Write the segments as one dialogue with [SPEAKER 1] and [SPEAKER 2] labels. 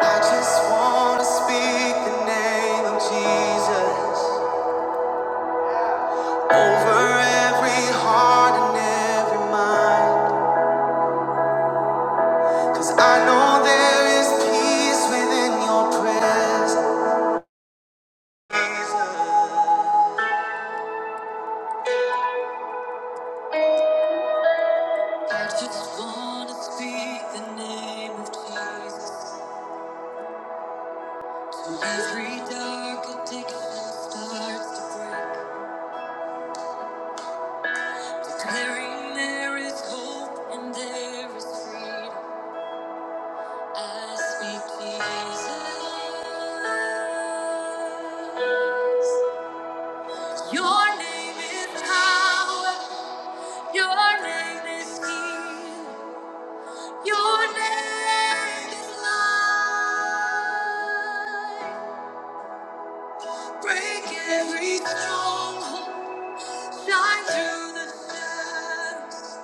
[SPEAKER 1] I just wanna speak the name of Jesus over every heart and every mind. Cause I know there is peace within your presence. I just wanna speak the name of Jesus. till every dark addiction starts to break. Declaring there is hope and there is freedom. I speak Jesus. Your name is power. Your name is healing. Your name is life. Break every stronghold. Shine through the shadows.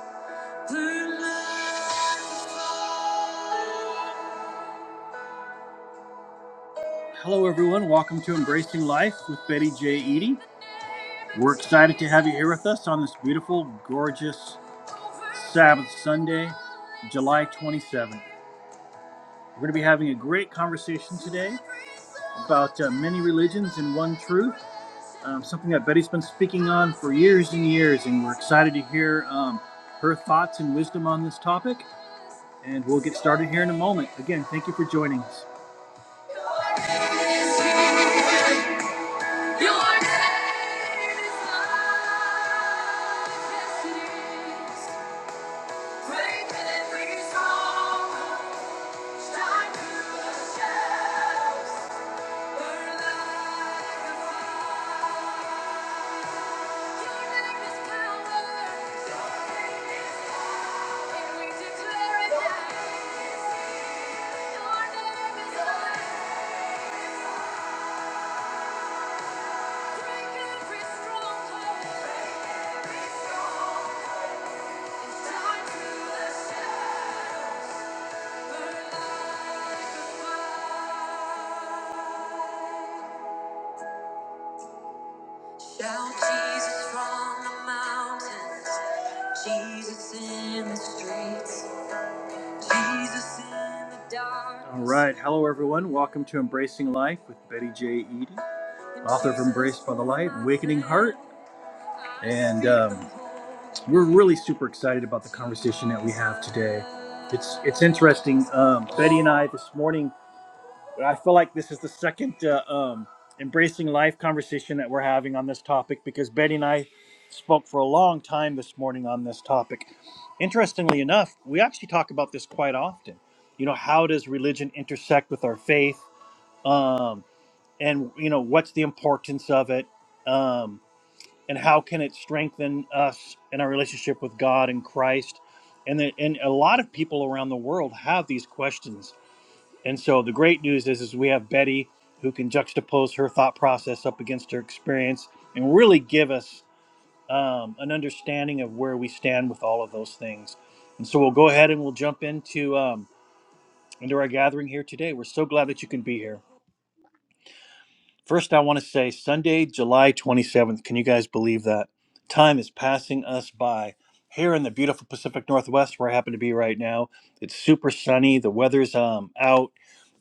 [SPEAKER 1] Burn like a fire. Hello, everyone. Welcome to Embracing Life with Betty J. Eady. We're excited to have you here with us on this beautiful, gorgeous Sabbath Sunday, July 27th. We're going to be having a great conversation today about uh, many religions and one truth, um, something that Betty's been speaking on for years and years, and we're excited to hear um, her thoughts and wisdom on this topic. And we'll get started here in a moment. Again, thank you for joining us. Thank you. Shout Jesus from the mountains, Jesus in the streets, Jesus in the dark. All right, hello everyone. Welcome to Embracing Life with Betty J. Eady, author of Embraced by the Light, Awakening Heart. And um, we're really super excited about the conversation that we have today. It's it's interesting. Um, Betty and I this morning but I feel like this is the second uh, um, embracing life conversation that we're having on this topic because Betty and I spoke for a long time this morning on this topic. Interestingly enough, we actually talk about this quite often. You know, how does religion intersect with our faith? Um, and, you know, what's the importance of it? Um, and how can it strengthen us in our relationship with God and Christ? And, the, and a lot of people around the world have these questions and so the great news is, is we have Betty who can juxtapose her thought process up against her experience and really give us um, an understanding of where we stand with all of those things. And so we'll go ahead and we'll jump into um, into our gathering here today. We're so glad that you can be here. First, I want to say Sunday, July 27th. Can you guys believe that? Time is passing us by. Here in the beautiful Pacific Northwest, where I happen to be right now, it's super sunny. The weather's um, out.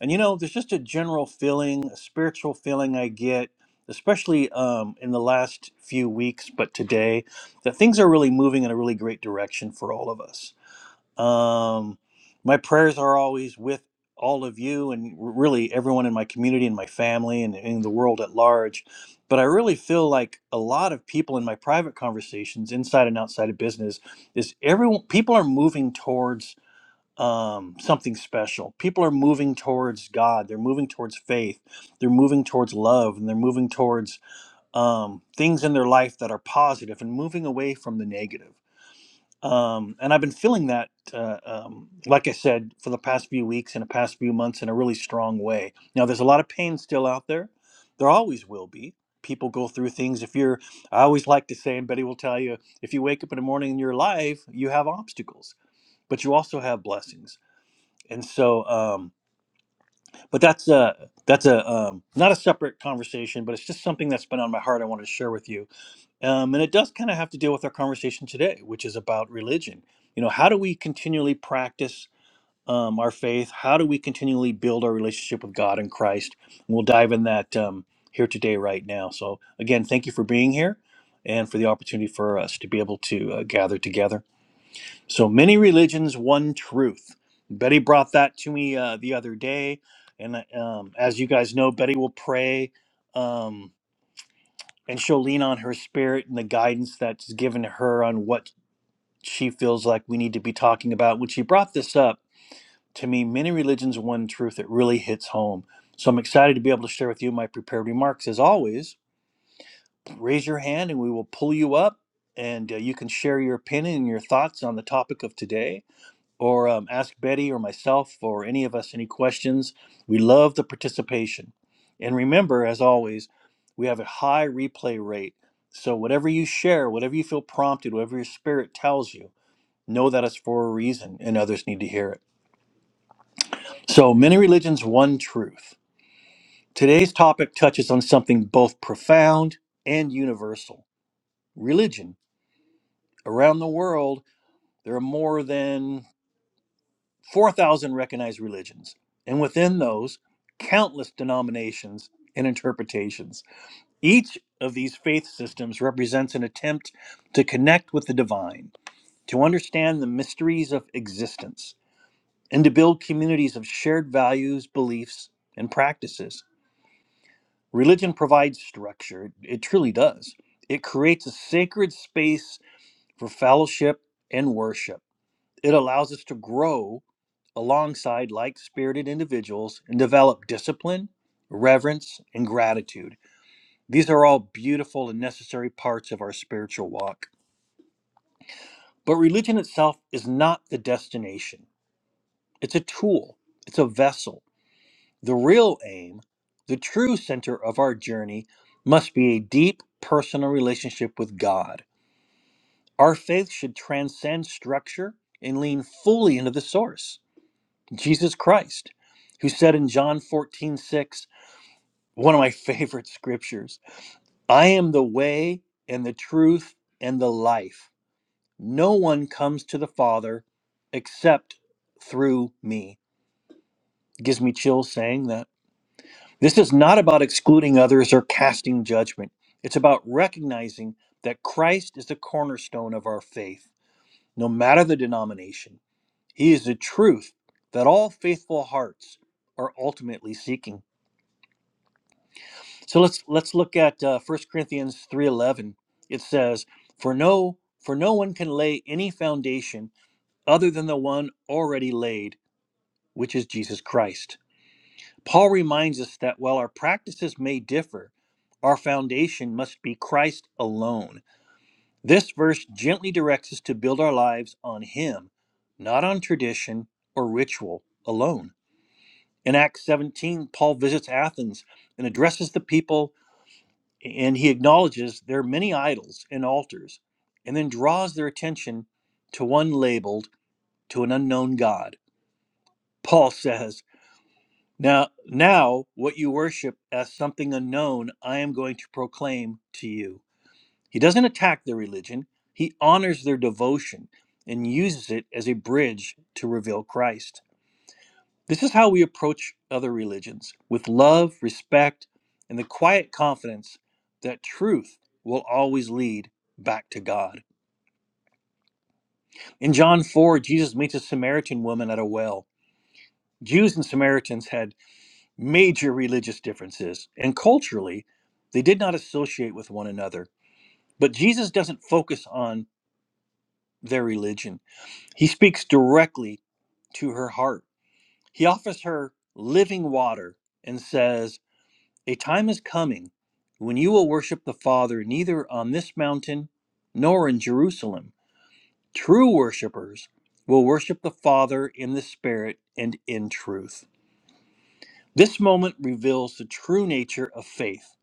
[SPEAKER 1] And you know, there's just a general feeling, a spiritual feeling I get, especially um, in the last few weeks, but today, that things are really moving in a really great direction for all of us um, my prayers are always with all of you and r- really everyone in my community and my family and in the world at large. But I really feel like a lot of people in my private conversations, inside and outside of business, is everyone people are moving towards um, something special. People are moving towards God. They're moving towards faith. They're moving towards love, and they're moving towards um, things in their life that are positive and moving away from the negative um, and I've been feeling that, uh, um, like I said, for the past few weeks and the past few months in a really strong way. Now, there's a lot of pain still out there. There always will be. People go through things. If you're, I always like to say, and Betty will tell you, if you wake up in the morning and you're alive, you have obstacles, but you also have blessings. And so, um, but that's a that's a um, not a separate conversation, but it's just something that's been on my heart. I wanted to share with you um, and it does kind of have to deal with our conversation today, which is about religion. You know, how do we continually practice um, our faith? How do we continually build our relationship with God and Christ? And we'll dive in that um, here today, right now. So, again, thank you for being here and for the opportunity for us to be able to uh, gather together. So, many religions, one truth. Betty brought that to me uh, the other day. And um, as you guys know, Betty will pray. Um, and she'll lean on her spirit and the guidance that's given to her on what she feels like we need to be talking about. When she brought this up to me, many religions, one truth, it really hits home. So I'm excited to be able to share with you my prepared remarks. As always, raise your hand and we will pull you up and uh, you can share your opinion and your thoughts on the topic of today or um, ask Betty or myself or any of us any questions. We love the participation. And remember, as always, we have a high replay rate. So whatever you share, whatever you feel prompted, whatever your spirit tells you, know that it's for a reason and others need to hear it. So, many religions, one truth. Today's topic touches on something both profound and universal religion. Around the world, there are more than 4,000 recognized religions, and within those, countless denominations and interpretations. Each of these faith systems represents an attempt to connect with the divine, to understand the mysteries of existence, and to build communities of shared values, beliefs, and practices. Religion provides structure, it truly does. It creates a sacred space for fellowship and worship it allows us to grow alongside like spirited individuals and develop discipline, reverence, and gratitude. These are all beautiful and necessary parts of our spiritual walk. But religion itself is not the destination, it's a tool, it's a vessel. The real aim, the true center of our journey, must be a deep personal relationship with God. Our faith should transcend structure and lean fully into the source. Jesus Christ, who said in John 14 6, one of my favorite scriptures, I am the way and the truth and the life. No one comes to the Father except through me. Gives me chills saying that. This is not about excluding others or casting judgment. It's about recognizing that Christ is the cornerstone of our faith, no matter the denomination. He is the truth that all faithful hearts are ultimately seeking. So let's let's look at uh, 1 Corinthians 3:11. It says, "For no for no one can lay any foundation other than the one already laid, which is Jesus Christ." Paul reminds us that while our practices may differ, our foundation must be Christ alone. This verse gently directs us to build our lives on him, not on tradition or ritual alone. In Acts 17, Paul visits Athens and addresses the people and he acknowledges there are many idols and altars and then draws their attention to one labeled to an unknown god paul says now now what you worship as something unknown i am going to proclaim to you he doesn't attack their religion he honors their devotion and uses it as a bridge to reveal christ This is how we approach other religions with love, respect, and the quiet confidence that truth will always lead back to God. In John 4, Jesus meets a Samaritan woman at a well. Jews and Samaritans had major religious differences, and culturally, they did not associate with one another. But Jesus doesn't focus on their religion, he speaks directly to her heart. He offers her living water and says, A time is coming when you will worship the Father neither on this mountain nor in Jerusalem. True worshipers will worship the Father in the Spirit and in truth. This moment reveals the true nature of faith.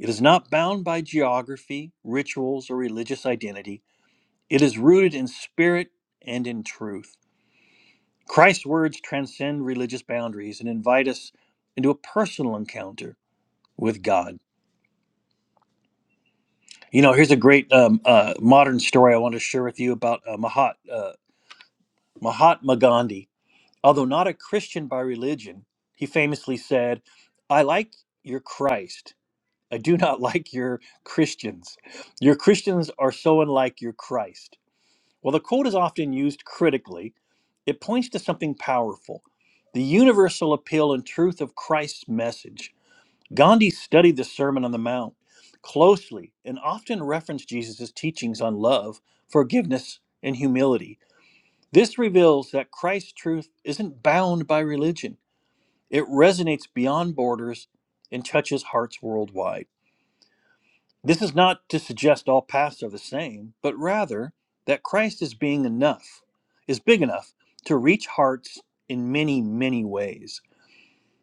[SPEAKER 1] It is not bound by geography, rituals, or religious identity. It is rooted in spirit and in truth. Christ's words transcend religious boundaries and invite us into a personal encounter with God. You know, here's a great um, uh, modern story I want to share with you about uh, Mahat, uh, Mahatma Gandhi. Although not a Christian by religion, he famously said, I like your Christ. I do not like your Christians. Your Christians are so unlike your Christ. While the quote is often used critically, it points to something powerful the universal appeal and truth of Christ's message. Gandhi studied the Sermon on the Mount closely and often referenced Jesus' teachings on love, forgiveness, and humility. This reveals that Christ's truth isn't bound by religion, it resonates beyond borders and touches hearts worldwide. This is not to suggest all paths are the same, but rather that Christ is being enough, is big enough to reach hearts in many, many ways.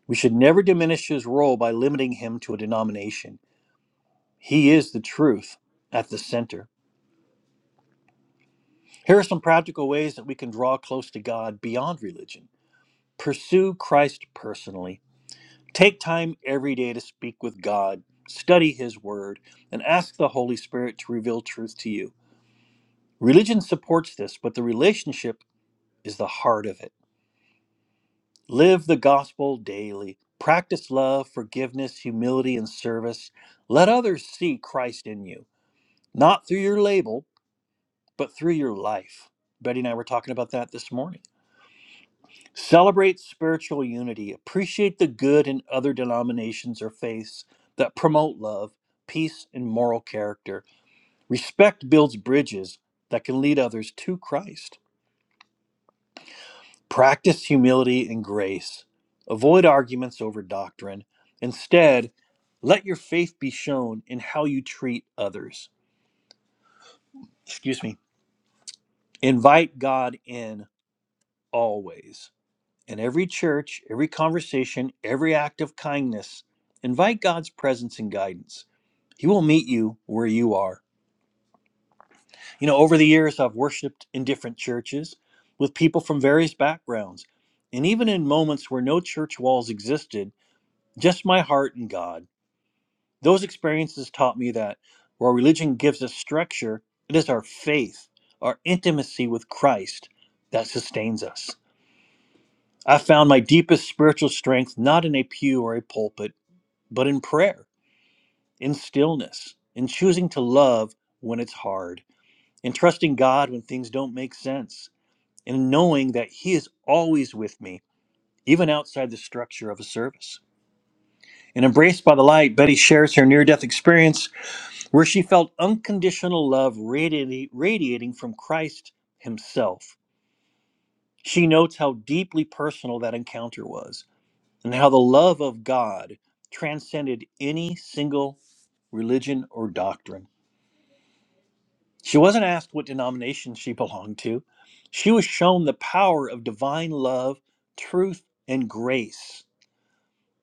[SPEAKER 1] We should never diminish his role by limiting him to a denomination. He is the truth at the center. Here are some practical ways that we can draw close to God beyond religion. Pursue Christ personally. Take time every day to speak with God, study His Word, and ask the Holy Spirit to reveal truth to you. Religion supports this, but the relationship is the heart of it. Live the gospel daily. Practice love, forgiveness, humility, and service. Let others see Christ in you, not through your label but through your life. Betty and I were talking about that this morning. Celebrate spiritual unity. Appreciate the good in other denominations or faiths that promote love, peace, and moral character. Respect builds bridges that can lead others to Christ. Practice humility and grace. Avoid arguments over doctrine. Instead, let your faith be shown in how you treat others. Excuse me. Invite God in always In every church, every conversation, every act of kindness, invite God's presence and guidance. He will meet you where you are. You know, over the years, I've worshiped in different churches with people from various backgrounds. And even in moments where no church walls existed, just my heart and God. Those experiences taught me that while religion gives us structure, it is our faith, our intimacy with Christ, that sustains us. I found my deepest spiritual strength not in a pew or a pulpit but in prayer, in stillness, in choosing to love when it's hard, in trusting God when things don't make sense, in knowing that He is always with me, even outside the structure of a service. In Embraced by the Light, Betty shares her near death experience where she felt unconditional love radiating, radiating from Christ Himself. She notes how deeply personal that encounter was and how the love of God transcended any single religion or doctrine. She wasn't asked what denomination she belonged to. She was shown the power of divine love, truth, and grace.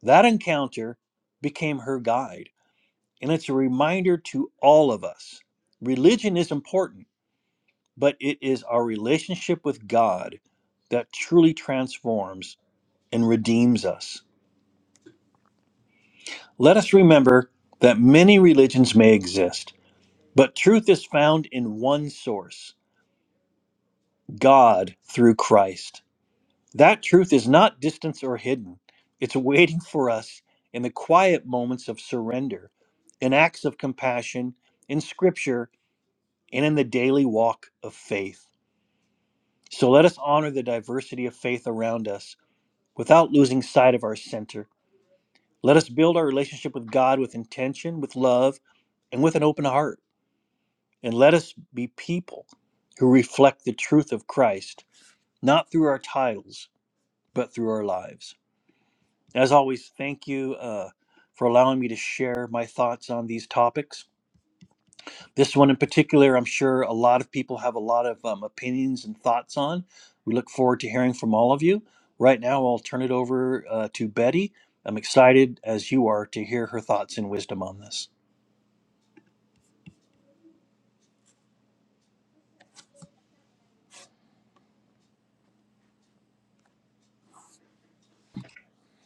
[SPEAKER 1] That encounter became her guide. And it's a reminder to all of us religion is important, but it is our relationship with God that truly transforms and redeems us. Let us remember that many religions may exist, but truth is found in one source God through Christ. That truth is not distant or hidden. It's waiting for us in the quiet moments of surrender, in acts of compassion, in scripture, and in the daily walk of faith. So let us honor the diversity of faith around us without losing sight of our center. Let us build our relationship with God with intention, with love, and with an open heart. And let us be people who reflect the truth of Christ, not through our titles, but through our lives. As always, thank you uh, for allowing me to share my thoughts on these topics. This one in particular, I'm sure a lot of people have a lot of um, opinions and thoughts on. We look forward to hearing from all of you. Right now, I'll turn it over uh, to Betty. I'm excited, as you are, to hear her thoughts and wisdom on this.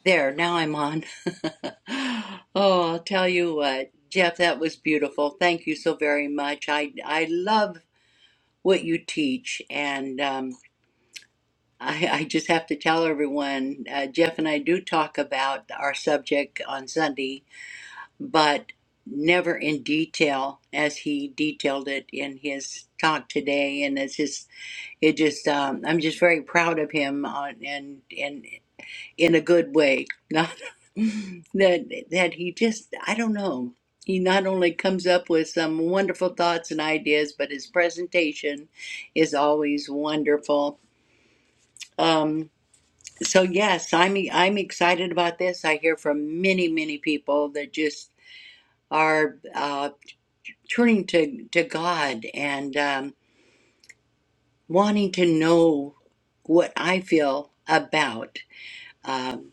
[SPEAKER 2] There, now I'm on. Oh, I'll tell you what, Jeff, that was beautiful. Thank you so very much. I I love what you teach, and um, I, I just have to tell everyone, uh, Jeff and I do talk about our subject on Sunday, but never in detail as he detailed it in his talk today. And it's just, it just, um, I'm just very proud of him on, and and in a good way. Not that that he just I don't know. He not only comes up with some wonderful thoughts and ideas, but his presentation is always wonderful. Um, so yes, I'm I'm excited about this. I hear from many many people that just are uh, turning to to God and um, wanting to know what I feel about. Um,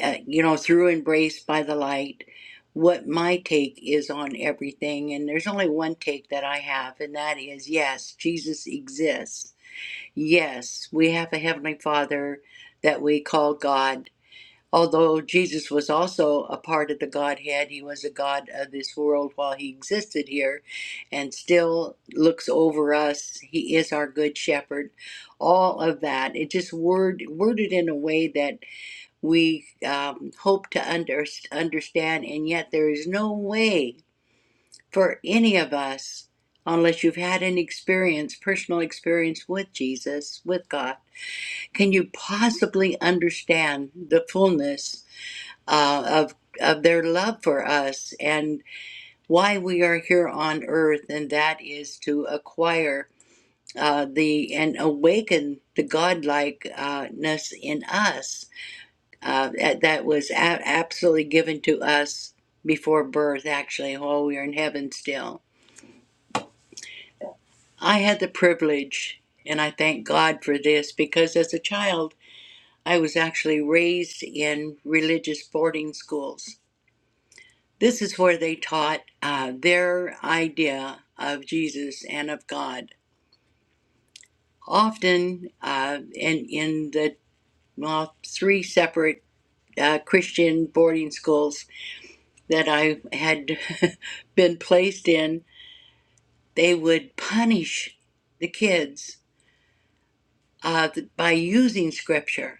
[SPEAKER 2] uh, you know, through embraced by the Light, what my take is on everything. And there's only one take that I have, and that is yes, Jesus exists. Yes, we have a Heavenly Father that we call God. Although Jesus was also a part of the Godhead, he was a God of this world while he existed here and still looks over us. He is our good shepherd. All of that, it just word, worded in a way that we um, hope to under, understand, and yet there is no way for any of us, unless you've had an experience, personal experience with Jesus, with God, can you possibly understand the fullness uh, of of their love for us and why we are here on earth, and that is to acquire uh, the and awaken the godlikeness in us uh, that that was a- absolutely given to us before birth, actually, while we were in heaven still. I had the privilege, and I thank God for this, because as a child, I was actually raised in religious boarding schools. This is where they taught uh, their idea of Jesus and of God. Often, uh, in, in the well, three separate uh, Christian boarding schools, that I had been placed in, they would punish the kids uh, by using scripture.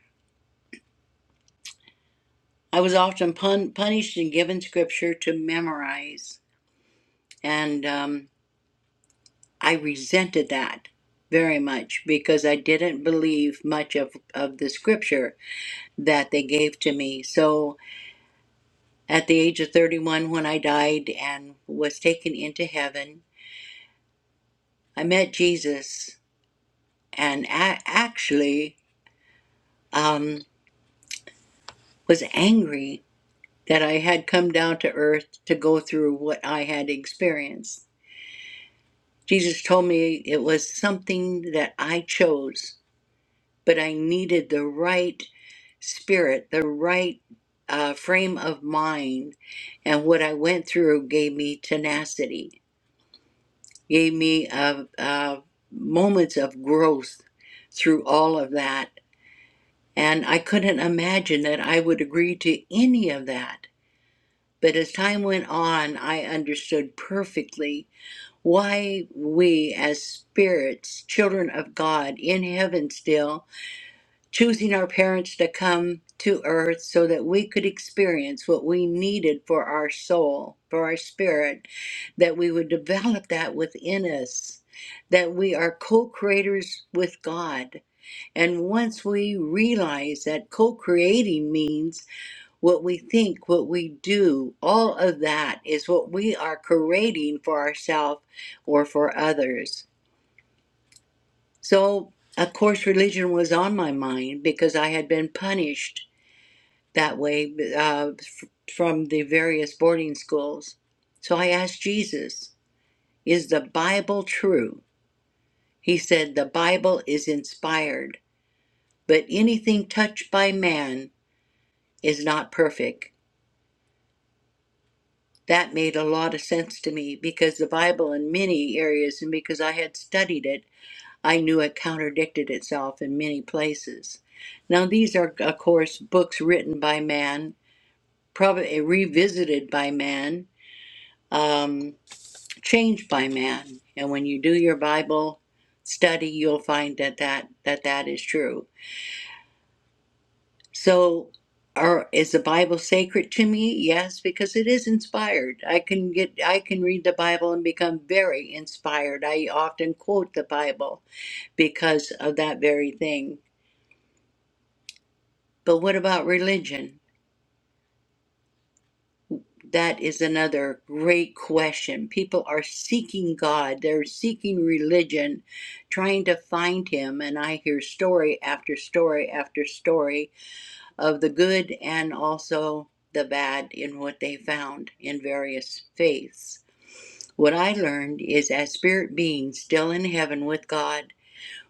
[SPEAKER 2] I was often pun- punished and given scripture to memorize. And um, I resented that very much because I didn't believe much of, of the scripture that they gave to me. So at the age of 31, when I died and was taken into heaven, I met Jesus. And a- actually, um, was angry that I had come down to earth to go through what I had experienced. Jesus told me it was something that I chose, but I needed the right spirit, the right uh, frame of mind. And what I went through gave me tenacity, gave me uh, uh, moments of growth through all of that. And I couldn't imagine that I would agree to any of that But as time went on, I understood perfectly why we, as spirits, children of God in heaven still, choosing our parents to come to earth so that we could experience what we needed for our soul, for our spirit, that we would develop that within us, that we are co creators with God. And once we realize that co creating means what we think, what we do, all of that is what we are creating for ourselves or for others. So, of course, religion was on my mind because I had been punished that way uh, f- from the various boarding schools. So I asked Jesus, Is the Bible true? He said, The Bible is inspired, but anything touched by man is not perfect. that made a lot of sense to me because the Bible, in many areas, and because I had studied it, I knew it contradicted itself in many places. Now, these are, of course, books written by man, probably eh, revisited by man, um, changed by man. And when you do your Bible study, you'll find that that, that, that is true. So, are is the Bible sacred to me? Yes, because it is inspired. I can get I can read the Bible and become very inspired. I often quote the Bible because of that very thing. But what about religion? That is another great question. People are seeking God. They're seeking religion, trying to find him, and I hear story after story after story of the good and also the bad in what they found in various faiths. What I learned is as spirit beings still in heaven with God,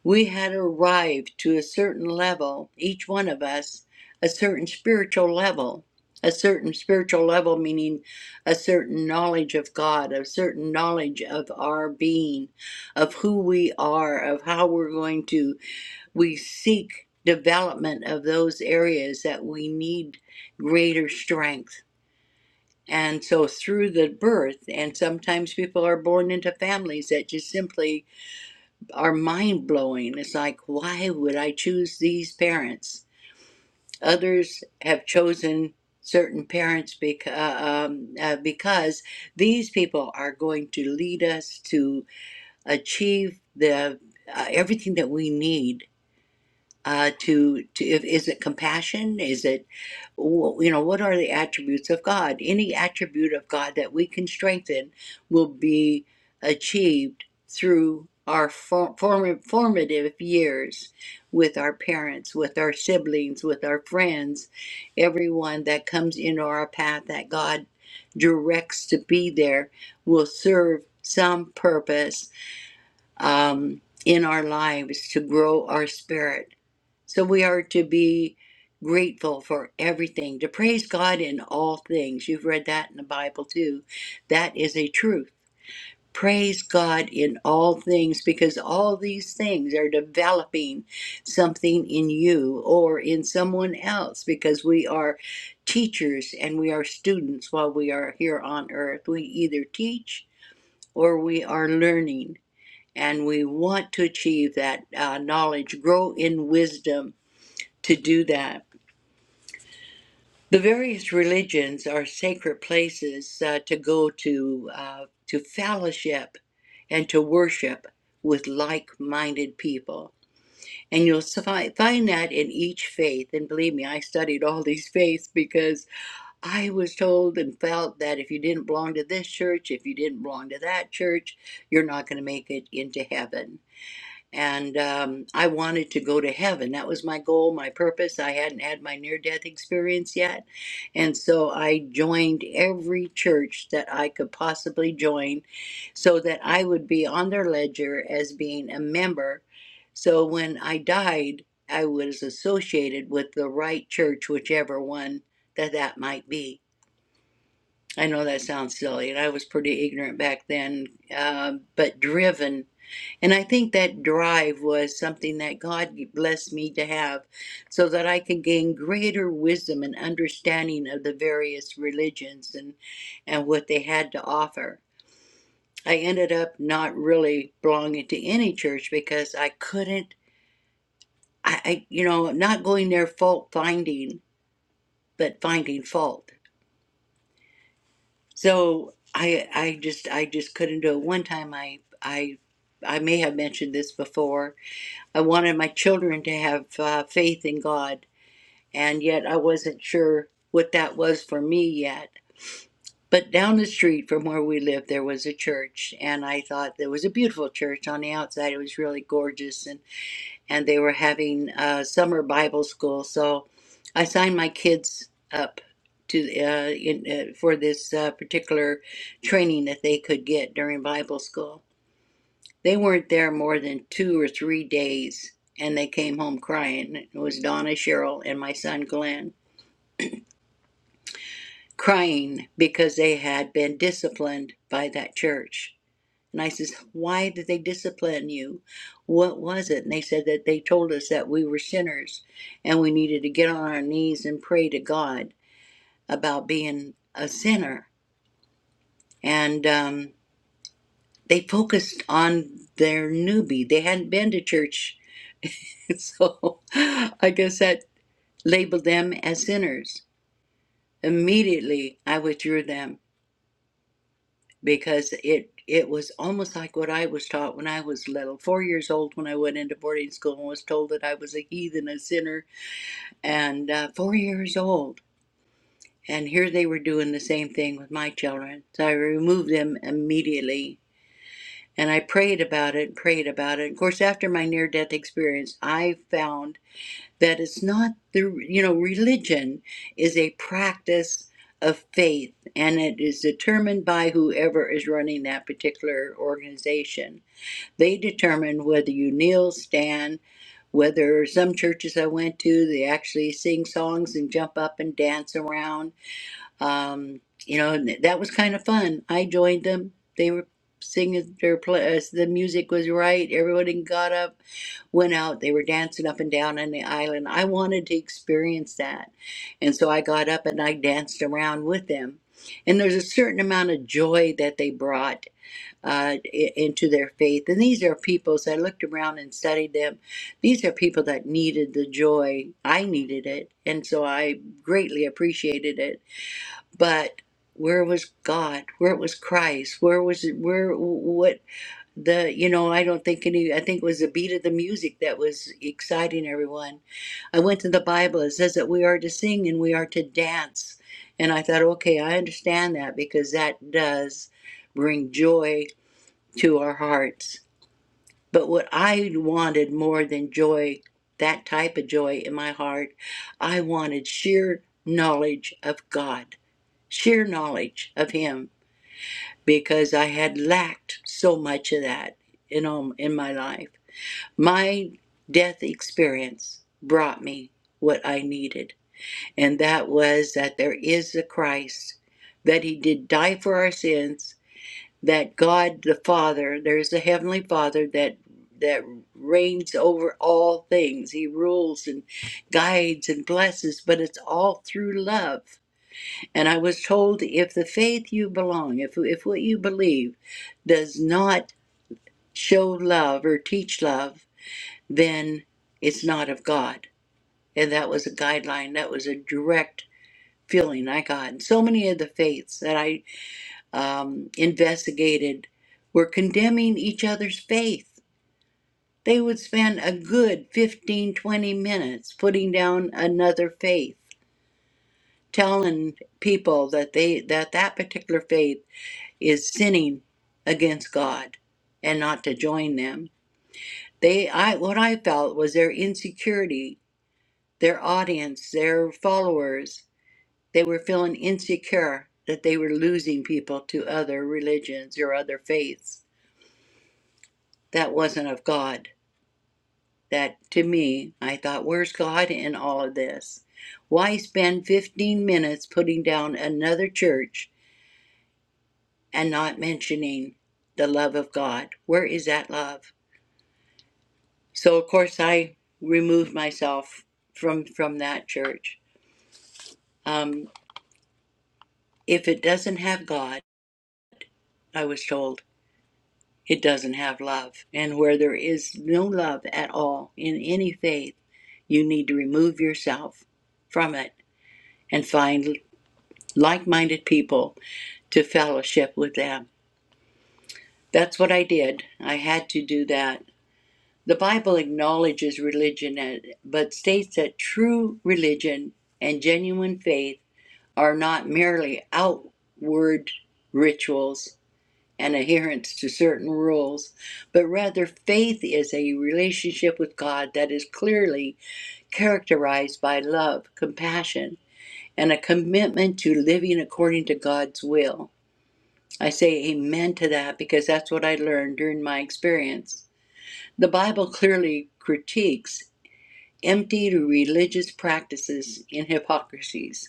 [SPEAKER 2] we had arrived to a certain level, each one of us, a certain spiritual level. A certain spiritual level, meaning a certain knowledge of God, a certain knowledge of our being, of who we are, of how we're going to we seek development of those areas that we need greater strength. And so through the birth, and sometimes people are born into families that just simply are mind blowing. It's like, why would I choose these parents? Others have chosen certain parents beca- uh, um, uh, because these people are going to lead us to achieve the uh, everything that we need uh, to to if, is it compassion is it you know what are the attributes of god any attribute of god that we can strengthen will be achieved through our for, form, formative years with our parents with our siblings with our friends everyone that comes into our path that god directs to be there will serve some purpose um, in our lives to grow our spirit so we are to be grateful for everything, to praise God in all things. You've read that in the Bible too. That is a truth. Praise God in all things because all these things are developing something in you or in someone else because we are teachers and we are students while we are here on earth. We either teach or we are learning and we want to achieve that uh, knowledge, grow in wisdom to do that. The various religions are sacred places uh, to go to uh, to fellowship and to worship with like-minded people, and you'll fi- find that in each faith. And believe me, I studied all these faiths because I was told and felt that if you didn't belong to this church, if you didn't belong to that church, you're not going to make it into heaven. and um, I wanted to go to heaven. That was my goal, my purpose. I hadn't had my near death experience yet. And so I joined every church that I could possibly join so that I would be on their ledger as being a member. So when I died, I was associated with the right church, whichever one that that might be. I know that sounds silly, and I was pretty ignorant back then, uh, but driven and I think that drive was something that God blessed me to have so that I could gain greater wisdom and understanding of the various religions and, and what they had to offer. I ended up not really belonging to any church because I couldn't, I, I you know, not going there fault finding, but finding fault. So I, I just, I just couldn't do it. One time I, I, I may have mentioned this before I wanted my children to have uh, faith in God, and yet I wasn't sure what that was for me yet. But down the street from where we lived, there was a church, and I thought there was a beautiful church on the outside. It was really gorgeous, and, and they were having uh, summer Bible school. So I signed my kids up to uh, in, uh, for this uh, particular training that they could get during Bible school. They weren't there more than two or three days, and they came home crying. It was Donna, Cheryl, and my son Glenn crying because they had been disciplined by that church. And I says, Why did they discipline you? What was it? And they said that they told us that we were sinners and we needed to get on our knees and pray to God about being a sinner. And um, they focused on their newbie. They hadn't been to church so I guess that labeled them as sinners. Immediately I withdrew them because it it was almost like what I was taught when I was little, four years old when I went into boarding school and was told that I was a heathen, a sinner, and uh, four years old. And here they were doing the same thing with my children. So I removed them immediately. And I prayed about it, prayed about it. Of course, after my near death experience, I found that it's not the you know religion is a practice of faith and it is determined by whoever is running that particular organization they determine whether you kneel stand whether some churches i went to they actually sing songs and jump up and dance around um, you know, and th- that was kind of fun. I joined them. They were singing their play. as The music was right. Everybody got up, went out. They were dancing up and down on the island. I wanted to experience that, and so I got up and I danced around with them. And there's a certain amount of joy that they brought uh, i- into their faith. And these are people. As I looked around and studied them, these are people that needed the joy. I needed it, and so I greatly appreciated it but where was God? Where was Christ? Where was it? Where what the you know? I don't think any. I think it was the beat of the music that was exciting everyone. I went to the Bible. It says that we are to sing and we are to dance, and I thought, okay, I understand that because that does bring joy to our hearts. But what I wanted more than joy, that type of joy in my heart, I wanted sheer knowledge of God sheer knowledge of him because I had lacked so much of that in all, in my life. My death experience brought me what I needed, and that was that there is a Christ, that he did die for our sins, that God the Father, there's a heavenly Father that that reigns over all things. He rules and guides and blesses, but it's all through love and I was told if the faith you belong, if, if what you believe does not show love or teach love, then it's not of God. And that was a guideline, that was a direct feeling I got. And so many of the faiths that I um, investigated were condemning each other's faith. They would spend a good 15, 20 minutes putting down another faith, telling people that they that that particular faith is sinning against God and not to join them. They I what I felt was their insecurity, their audience, their followers, they were feeling insecure that they were losing people to other religions or other faiths that wasn't of God. That to me, I thought, where's God in all of this? Why spend 15 minutes putting down another church and not mentioning the love of God? Where is that love? So of course I removed myself from from that church. Um, if it doesn't have God, I was told it doesn't have love, and where there is no love at all in any faith, you need to remove yourself from it and find like-minded people to fellowship with them. That's what I did. I had to do that. The Bible acknowledges religion, eh, but states that true religion and genuine faith are not merely outward rituals and adherence to certain rules, but rather faith is a relationship with God that is clearly characterized by love, compassion, and a commitment to living according to God's will. I say amen to that because that's what I learned during my experience. The Bible clearly critiques empty religious practices and hypocrisies.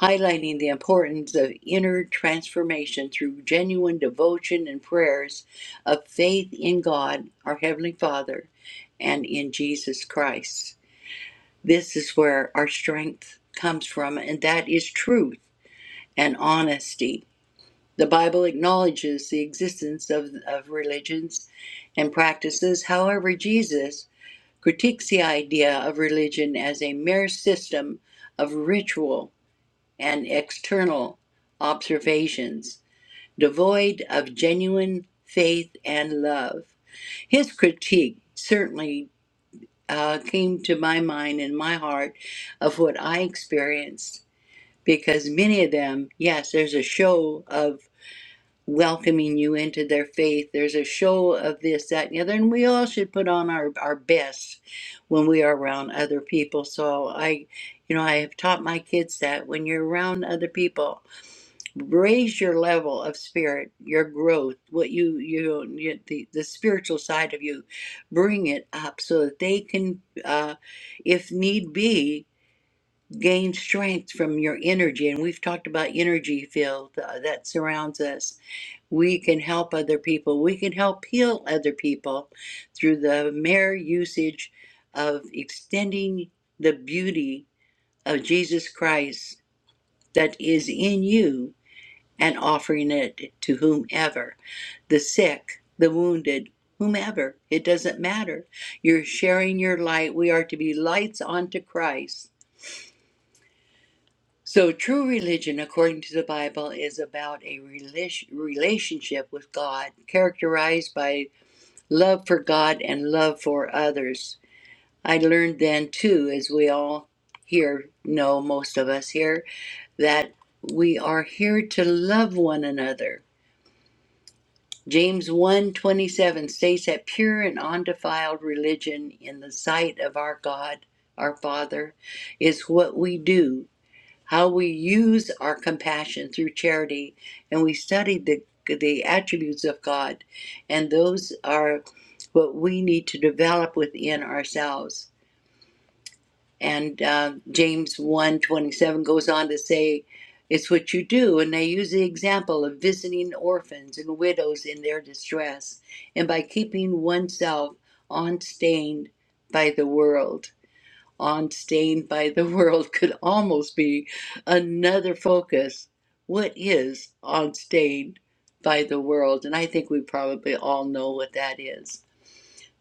[SPEAKER 2] highlighting the importance of inner transformation through genuine devotion and prayers of faith in God, our Heavenly Father, and in Jesus Christ. This is where our strength comes from, and that is truth and honesty. The Bible acknowledges the existence of, of religions and practices. However, Jesus critiques the idea of religion as a mere system of ritual and external observations, devoid of genuine faith and love. His critique certainly uh, came to my mind and my heart of what I experienced because many of them, yes, there's a show of welcoming you into their faith, there's a show of this, that, and the other, and we all should put on our, our best when we are around other people. So I, you know, I have taught my kids that when you're around other people, raise your level of spirit your growth what you you, you the, the spiritual side of you bring it up so that they can uh, if need be gain strength from your energy and we've talked about energy field uh, that surrounds us we can help other people we can help heal other people through the mere usage of extending the beauty of jesus christ that is in you and offering it to whomever the sick, the wounded, whomever. It doesn't matter. You're sharing your light. We are to be lights unto Christ. So, true religion, according to the Bible, is about a rela- relationship with God, characterized by love for God and love for others. I learned then, too, as we all here know, most of us here, that we are here to love one another James one twenty seven states that pure and undefiled religion in the sight of our God, our Father, is what we do, how we use our compassion through charity, and we study the the attributes of God, and those are what we need to develop within ourselves. And uh, James one twenty seven goes on to say, It's what you do. And they use the example of visiting orphans and widows in their distress, and by keeping oneself unstained by the world. Unstained by the world could almost be another focus. What is unstained by the world? And I think we probably all know what that is.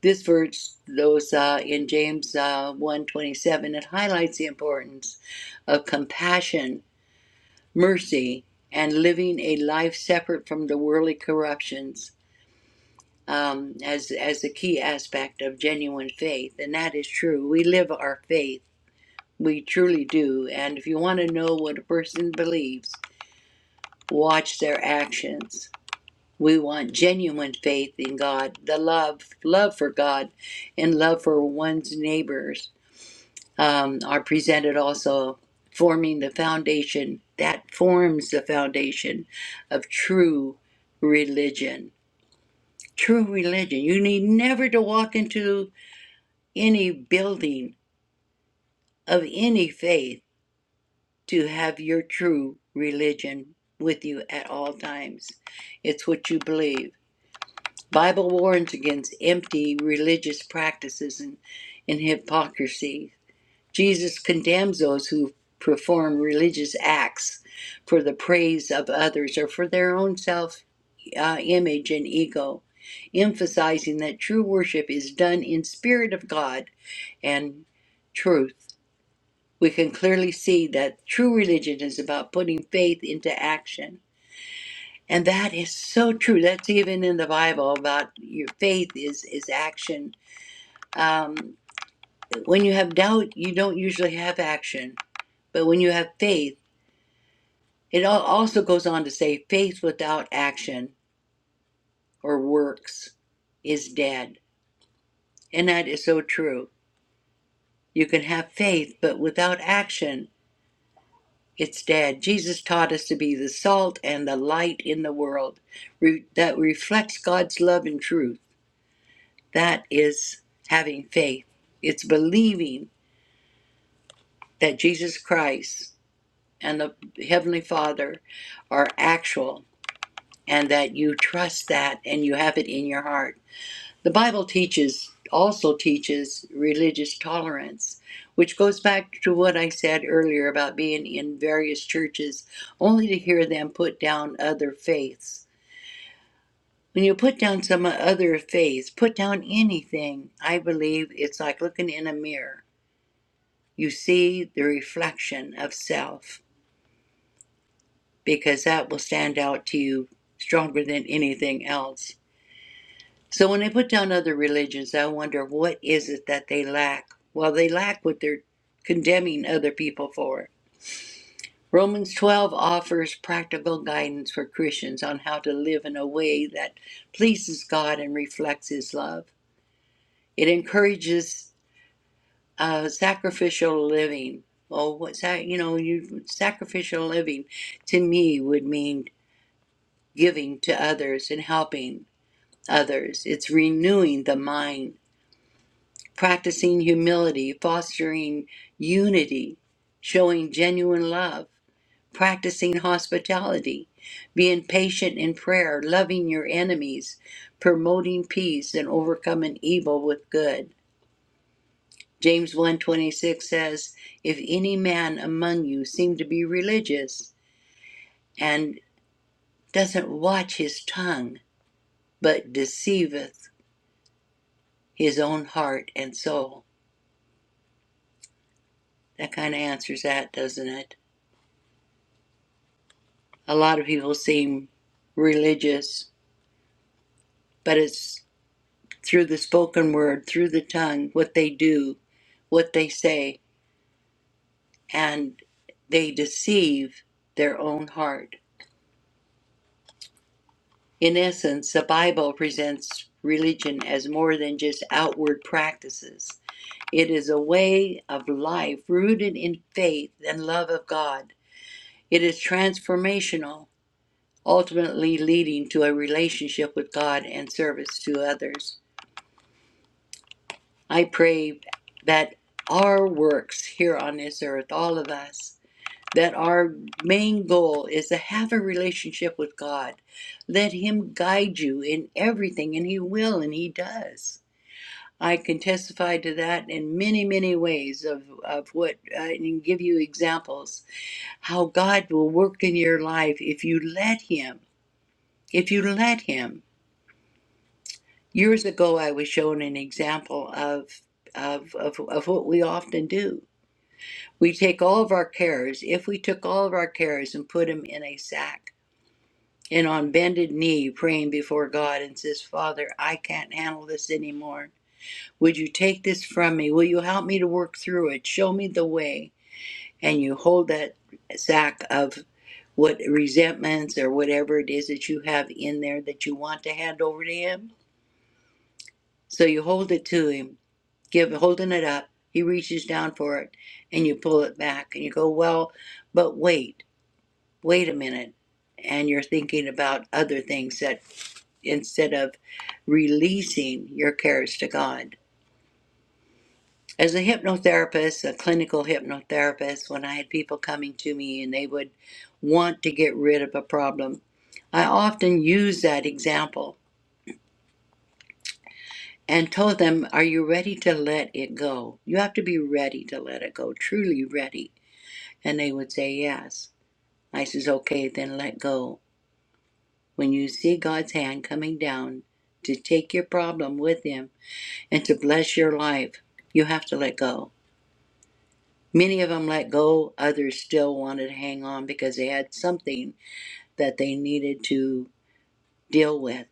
[SPEAKER 2] This verse, those uh, in James uh, 1 twenty-seven, it highlights the importance of compassion, mercy, and living a life separate from the worldly corruptions um, as, as a key aspect of genuine faith. And that is true. We live our faith, we truly do. And if you want to know what a person believes, watch their actions. We want genuine faith in God, the love, love for God, and love for one's neighbors um, are presented also forming the foundation that forms the foundation of true religion. True religion. You need never to walk into any building of any faith to have your true religion with you at all times. It's what you believe. Bible warns against empty religious practices and, and hypocrisy Jesus condemns those who perform religious acts for the praise of others or for their own self uh, image and ego, emphasizing that true worship is done in spirit of God and truth. We can clearly see that true religion is about putting faith into action. And that is so true. That's even in the Bible about your faith is, is action. Um, when you have doubt, you don't usually have action. But when you have faith, It also goes on to say faith without action or works is dead. And that is so true. You can have faith, but without action, it's dead. Jesus taught us to be the salt and the light in the world re- that reflects God's love and truth. That is having faith. It's believing that Jesus Christ and the Heavenly Father are actual and that you trust that and you have it in your heart. The Bible teaches also teaches religious tolerance, which goes back to what I said earlier about being in various churches only to hear them put down other faiths. When you put down some other faith, put down anything, I believe it's like looking in a mirror. You see the reflection of self because that will stand out to you stronger than anything else. So when I put down other religions, I wonder what is it that they lack? Well, they lack what they're condemning other people for. Romans 12 offers practical guidance for Christians on how to live in a way that pleases God and reflects His love. It encourages uh, sacrificial living. Oh, what's that? You know, you, sacrificial living to me would mean giving to others and helping others. It's renewing the mind practicing humility, fostering unity, showing genuine love, practicing hospitality, being patient in prayer, loving your enemies, promoting peace and overcoming evil with good. James one twenty six says, if any man among you seem to be religious and doesn't watch his tongue, but deceiveth his own heart and soul. That kind of answers that, doesn't it? A lot of people seem religious, but it's through the spoken word, through the tongue, what they do, what they say, and they deceive their own heart. In essence, the Bible presents religion as more than just outward practices. It is a way of life rooted in faith and love of God. It is transformational, ultimately leading to a relationship with God and service to others. I pray that our works here on this earth, all of us, that our main goal is to have a relationship with God. Let Him guide you in everything, and He will, and He does. I can testify to that in many, many ways of, of what, uh, and give you examples how God will work in your life if you let Him. If you let Him. Years ago, I was shown an example of, of, of, of what we often do We take all of our cares, if we took all of our cares and put them in a sack and on bended knee praying before God and says, Father, I can't handle this anymore. Would you take this from me? Will you help me to work through it? Show me the way. And you hold that sack of what resentments or whatever it is that you have in there that you want to hand over to Him. So you hold it to Him, give holding it up. He reaches down for it and you pull it back and you go, Well, but wait. wait a minute and you're thinking about other things that instead of releasing your cares to god as a hypnotherapist a clinical hypnotherapist when i had people coming to me and they would want to get rid of a problem i often use that example and told them are you ready to let it go you have to be ready to let it go truly ready and they would say yes i says okay then let go when you see God's hand coming down to take your problem with Him and to bless your life, you have to let go. Many of them let go, others still wanted to hang on because they had something that they needed to deal with.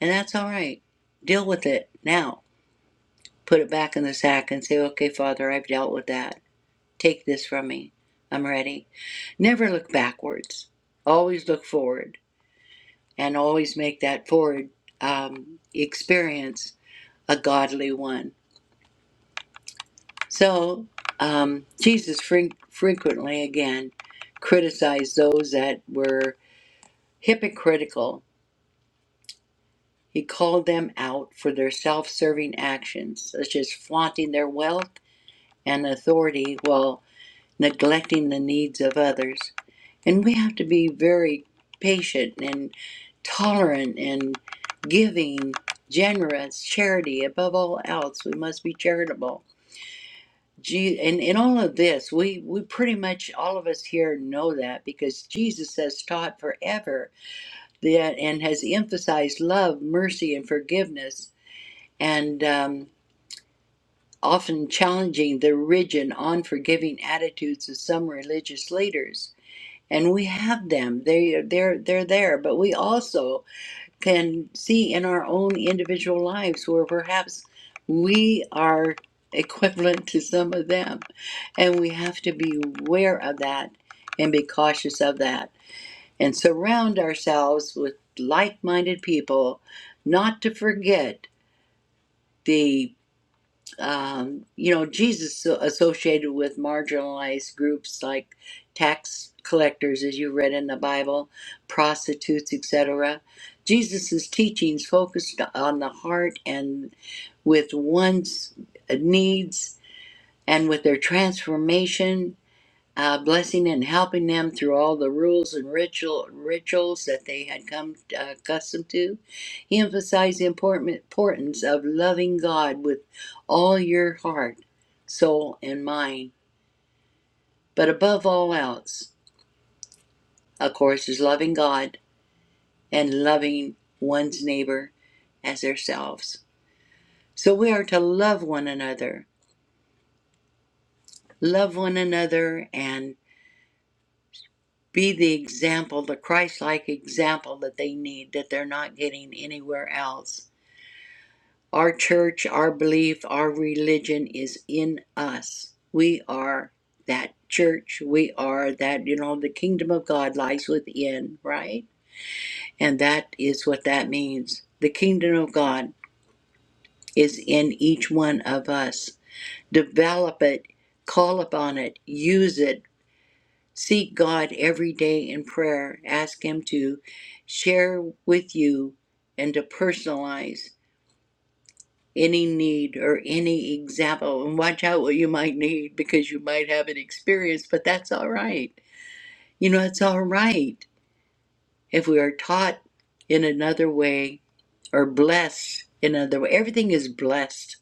[SPEAKER 2] And that's all right. Deal with it now. Put it back in the sack and say, okay, Father, I've dealt with that. Take this from me. I'm ready. Never look backwards. Always look forward and always make that forward um, experience a godly one. So um, Jesus fre- frequently again criticized those that were hypocritical. He called them out for their self serving actions, such as flaunting their wealth and authority while neglecting the needs of others. And we have to be very patient and tolerant and giving, generous, charity. Above all else, we must be charitable Je- and in all of this, we, we pretty much all of us here know that because Jesus has taught forever that and has emphasized love, mercy, and forgiveness, and um, often challenging the rigid, and unforgiving attitudes of some religious leaders. And we have them; they they're they're there. But we also can see in our own individual lives where perhaps we are equivalent to some of them. And we have to be aware of that and be cautious of that and surround ourselves with like minded people, not to forget. the um, you know, Jesus so- associated with marginalized groups like tax collectors, as you read in the Bible, prostitutes, etc. Jesus' teachings focused on the heart and with one's needs and with their transformation uh, blessing and helping them through all the rules and ritual rituals that they had come uh, accustomed to. He emphasized the important importance of loving God with all your heart, soul, and mind. But above all else, of course, is loving God and loving one's neighbor as ourselves. So we are to love one another, love one another, and. be the example, the Christ like example that they need, that they're not getting anywhere else. Our church, our belief, our religion is in us. We are that church. We are that, you know, the kingdom of God lies within, right? And that is what that means. The kingdom of God is in each one of us. Develop it, call upon it, use it Seek God every day in prayer. Ask Him to share with you and to personalize any need or any example. And watch out what you might need because you might have an experience, but that's all right. You know, it's all right if we are taught in another way or blessed in another way. Everything is blessed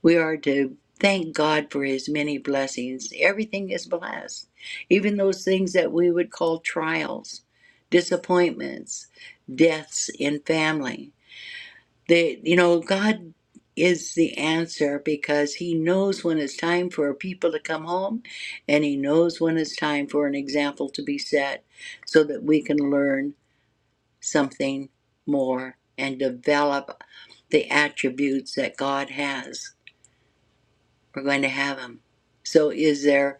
[SPEAKER 2] We are to thank God for his many blessings. Everything is blessed, even those things that we would call trials, disappointments, deaths in family. They, you know, God is the answer because he knows when it's time for people to come home and he knows when it's time for an example to be set so that we can learn something more and develop the attributes that God has. We're going to have them. So is there,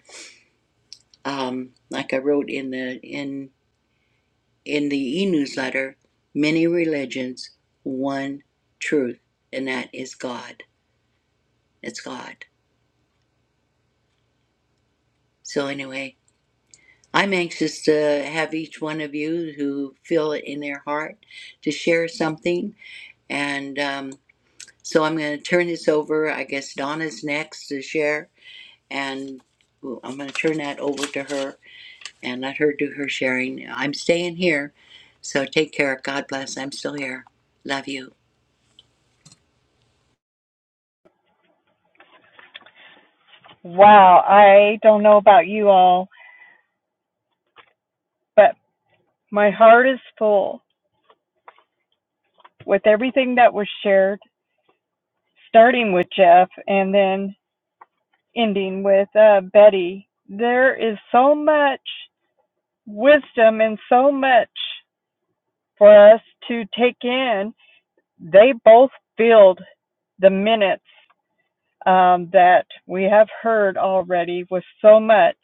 [SPEAKER 2] um, like I wrote in the in in the e-newsletter, many religions, one truth, and that is God. It's God. So anyway, I'm anxious to have each one of you who feel it in their heart to share something, and um, so I'm going to turn this over. I guess Donna's next to share, and ooh, I'm going to turn that over to her and let her do her sharing. I'm staying here, so take care. God bless. I'm still here. Love you.
[SPEAKER 3] Wow, I don't know about you all, but my heart is full with everything that was shared, starting with Jeff and then ending with uh, Betty. There is so much wisdom and so much for us to take in. They both filled the minutes um, that we have heard already with so much.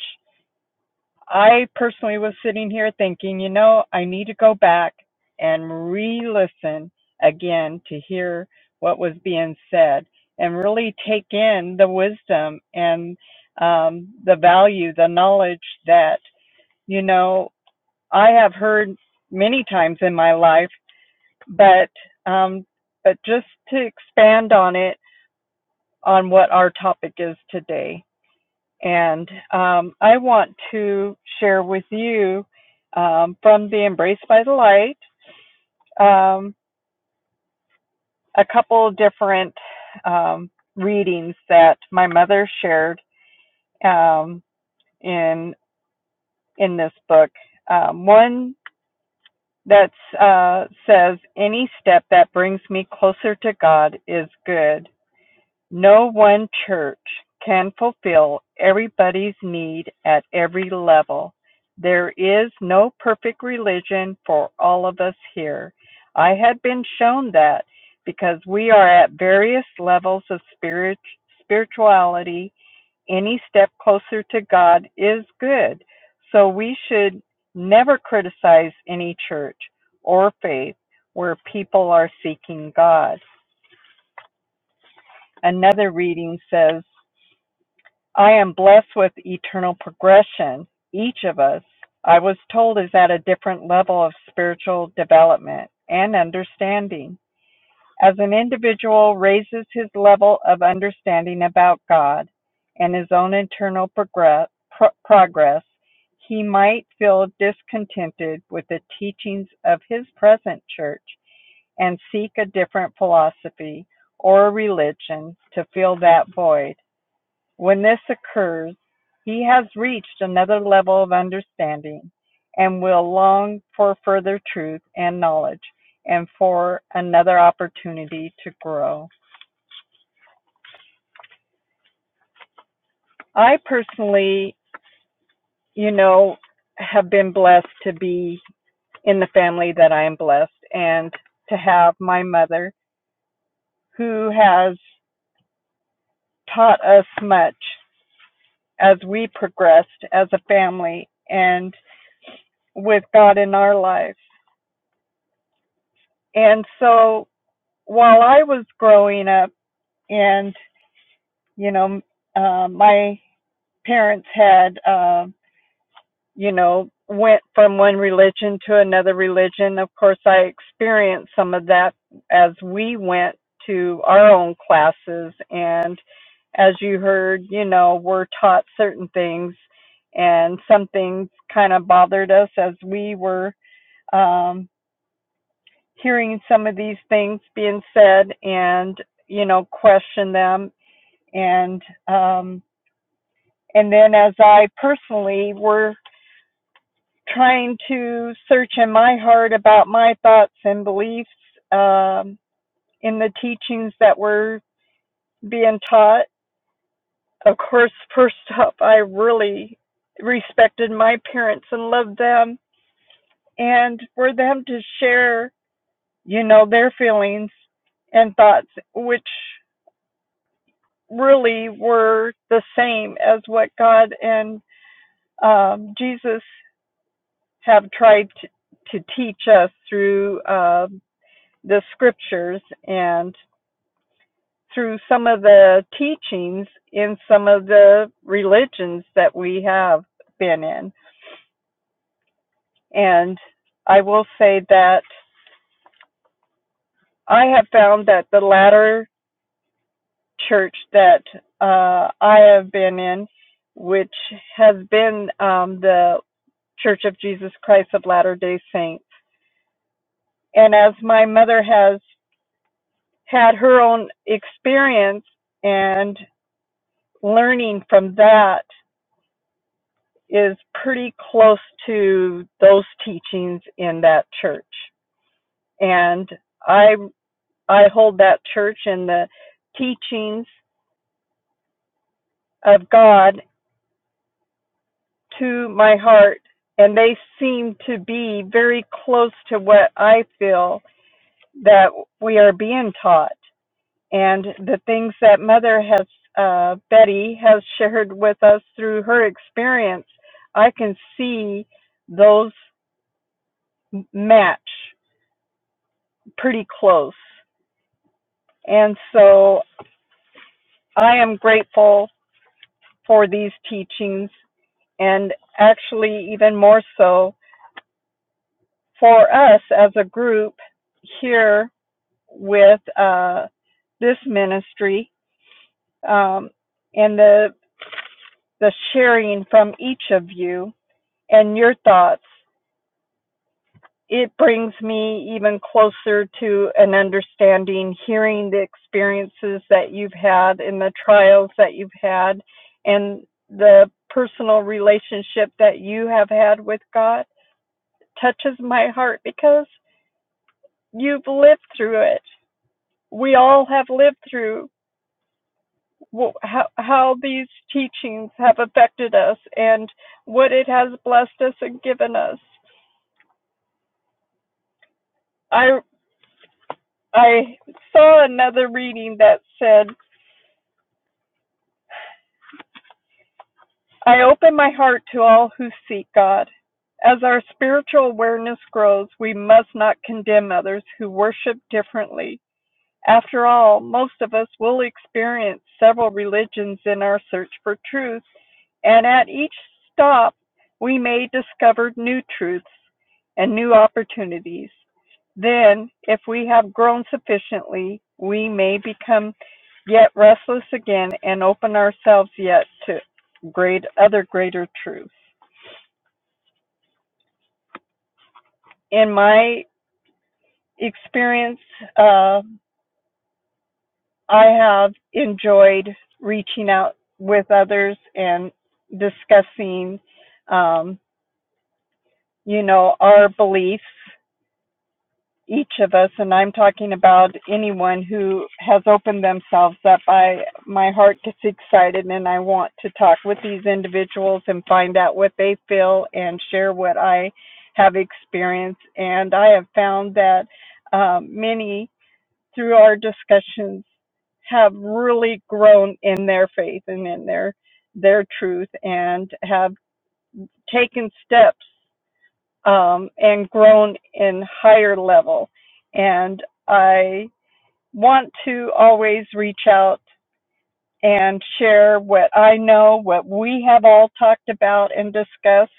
[SPEAKER 3] I personally was sitting here thinking, you know, I need to go back and re listen again to hear what was being said and really take in the wisdom and um, the value, the knowledge that, you know, I have heard many times in my life, but, um, but just to expand on it on what our topic is today. And um, I want to share with you um, from the Embrace by the Light um, a couple of different um, readings that my mother shared um, in in this book. Um, one that uh, says, "Any step that brings me closer to God is good." No one church can fulfill everybody's need at every level. There is no perfect religion for all of us here. I had been shown that because we are at various levels of spirit, spirituality. Any step closer to God is good. So we should never criticize any church or faith where people are seeking God. Another reading says, I am blessed with eternal progression. Each of us, I was told, is at a different level of spiritual development and understanding. As an individual raises his level of understanding about God and his own internal progress, pro- progress, he might feel discontented with the teachings of his present church and seek a different philosophy or religion to fill that void when this occurs, he has reached another level of understanding, and will long for further truth and knowledge, and for another opportunity to grow. I personally, you know, have been blessed to be in the family that I am blessed, and to have my mother, who has taught us much as we progressed as a family and with God in our lives. And so while I was growing up, and you know, uh, my parents had, uh, you know, went from one religion to another religion. Of course, I experienced some of that as we went to our own classes, and as you heard, you know, we're taught certain things, and some things kind of bothered us as we were. Um, hearing some of these things being said and you know question them and um, and then as I personally were trying to search in my heart about my thoughts and beliefs um, in the teachings that were being taught. Of course, first up, I really respected my parents and loved them, and for them to share, you know, their feelings and thoughts, which really were the same as what God and um, Jesus have tried to, to teach us through um the scriptures and through some of the teachings in some of the religions that we have been in. And I will say that I have found that the latter church that uh, I have been in, which has been um, the Church of Jesus Christ of Latter day Saints, and as my mother has had her own experience and learning from that is pretty close to those teachings in that church and i i hold that church and the teachings of god to my heart and they seem to be very close to what i feel that we are being taught and the things that mother has uh, betty has shared with us through her experience i can see those match pretty close and so i am grateful for these teachings and actually even more so for us as a group here with uh, this ministry um, and the the sharing from each of you and your thoughts. It brings me even closer to an understanding, hearing the experiences that you've had and the trials that you've had and the personal relationship that you have had with God touches my heart because you've lived through it. We all have lived through how, how these teachings have affected us and what it has blessed us and given us. I I saw another reading that said, I open my heart to all who seek God. As our spiritual awareness grows, we must not condemn others who worship differently. After all, most of us will experience several religions in our search for truth, And at each stop, we may discover new truths and new opportunities. Then, if we have grown sufficiently, we may become yet restless again and open ourselves yet to great other greater truths. In my experience, uh, I have enjoyed reaching out with others and discussing, um, you know, our beliefs each of us, and I'm talking about anyone who has opened themselves up. I my heart gets excited, and I want to talk with these individuals and find out what they feel and share what I have experienced. And I have found that um, many through our discussions have really grown in their faith and in their their truth, and have taken steps um, and grown in higher level. And I want to always reach out and share what I know, what we have all talked about and discussed.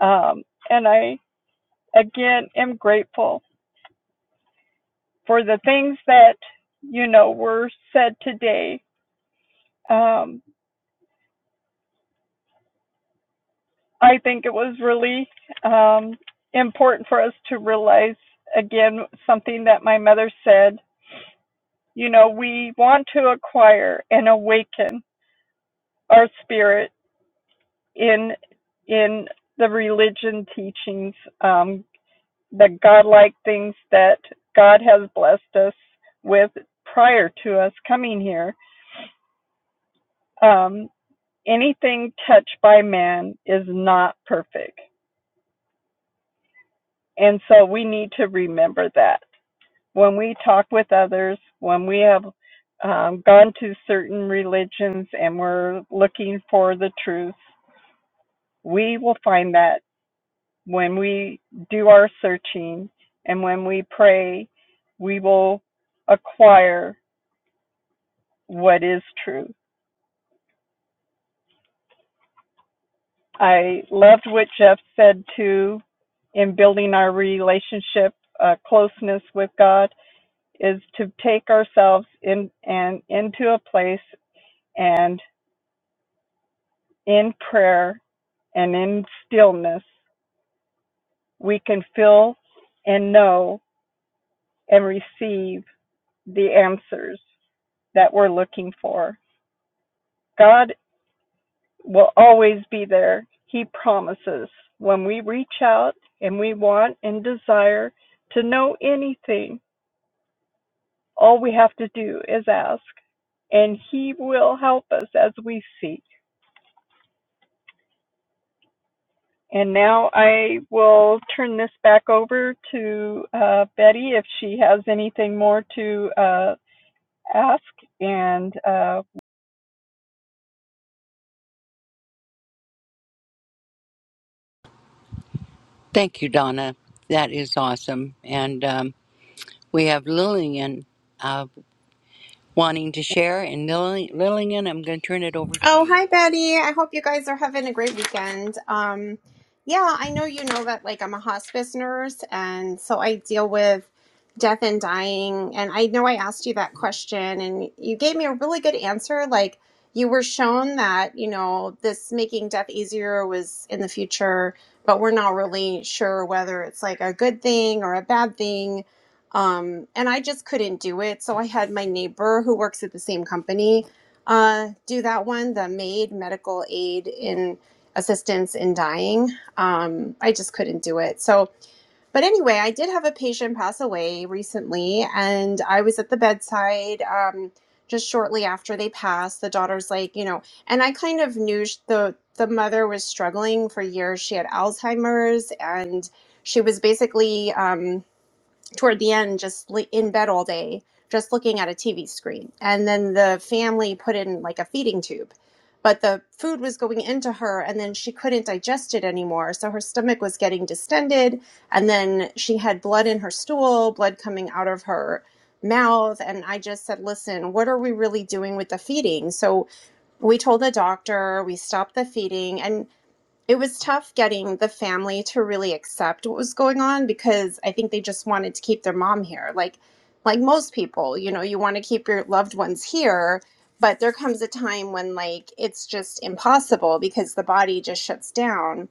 [SPEAKER 3] Um, and I, again, am grateful for the things that, you know, were said today. Um, I think it was really um, important for us to realize, again, something that my mother said you know, we want to acquire and awaken our spirit in in the religion teachings, um, the godlike things that God has blessed us with prior to us coming here. Um, anything touched by man is not perfect, and so we need to remember that when we talk with others, when we have um, gone to certain religions and we're looking for the truth We will find that when we do our searching and when we pray, we will acquire what is true. I loved what Jeff said too in building our relationship, uh, closeness with God, is to take ourselves in and into a place and in prayer and in stillness, we can feel and know and receive the answers. that we're looking for. God will always be there. He promises. When we reach out and we want and desire to know anything, all we have to do is ask, and He will help us as we seek. And now I will turn this back over to uh, Betty if she has anything more to uh, ask, and uh,
[SPEAKER 2] Thank you, Donna. That is awesome. And um, we have Lillian uh, wanting to share. And Lil- Lillian, I'm going to turn it over to
[SPEAKER 4] Oh,
[SPEAKER 2] you.
[SPEAKER 4] hi, Betty. I hope you guys are having a great weekend. Um, yeah, I know you know that like I'm a hospice nurse, and so I deal with death and dying. And I know I asked you that question, and you gave me a really good answer. Like you were shown that, you know, this making death easier was in the future, but we're not really sure whether it's like a good thing or a bad thing. Um, and I just couldn't do it. So I had my neighbor who works at the same company uh, do that one, the MAID, medical aid in assistance in dying. Um, I just couldn't do it. So, but anyway, I did have a patient pass away recently, and I was at the bedside um, just shortly after they passed. The daughter's like, you know, and I kind of knew sh- the the mother was struggling for years. She had Alzheimer's, and she was basically. Um, toward the end just in bed all day just looking at a tv screen and then the family put in like a feeding tube but the food was going into her and then she couldn't digest it anymore so her stomach was getting distended and then she had blood in her stool blood coming out of her mouth and i just said listen what are we really doing with the feeding so we told the doctor we stopped the feeding and it was tough getting the family to really accept what was going on because I think they just wanted to keep their mom here. Like like most people, you know, you want to keep your loved ones here, but there comes a time when like it's just impossible because the body just shuts down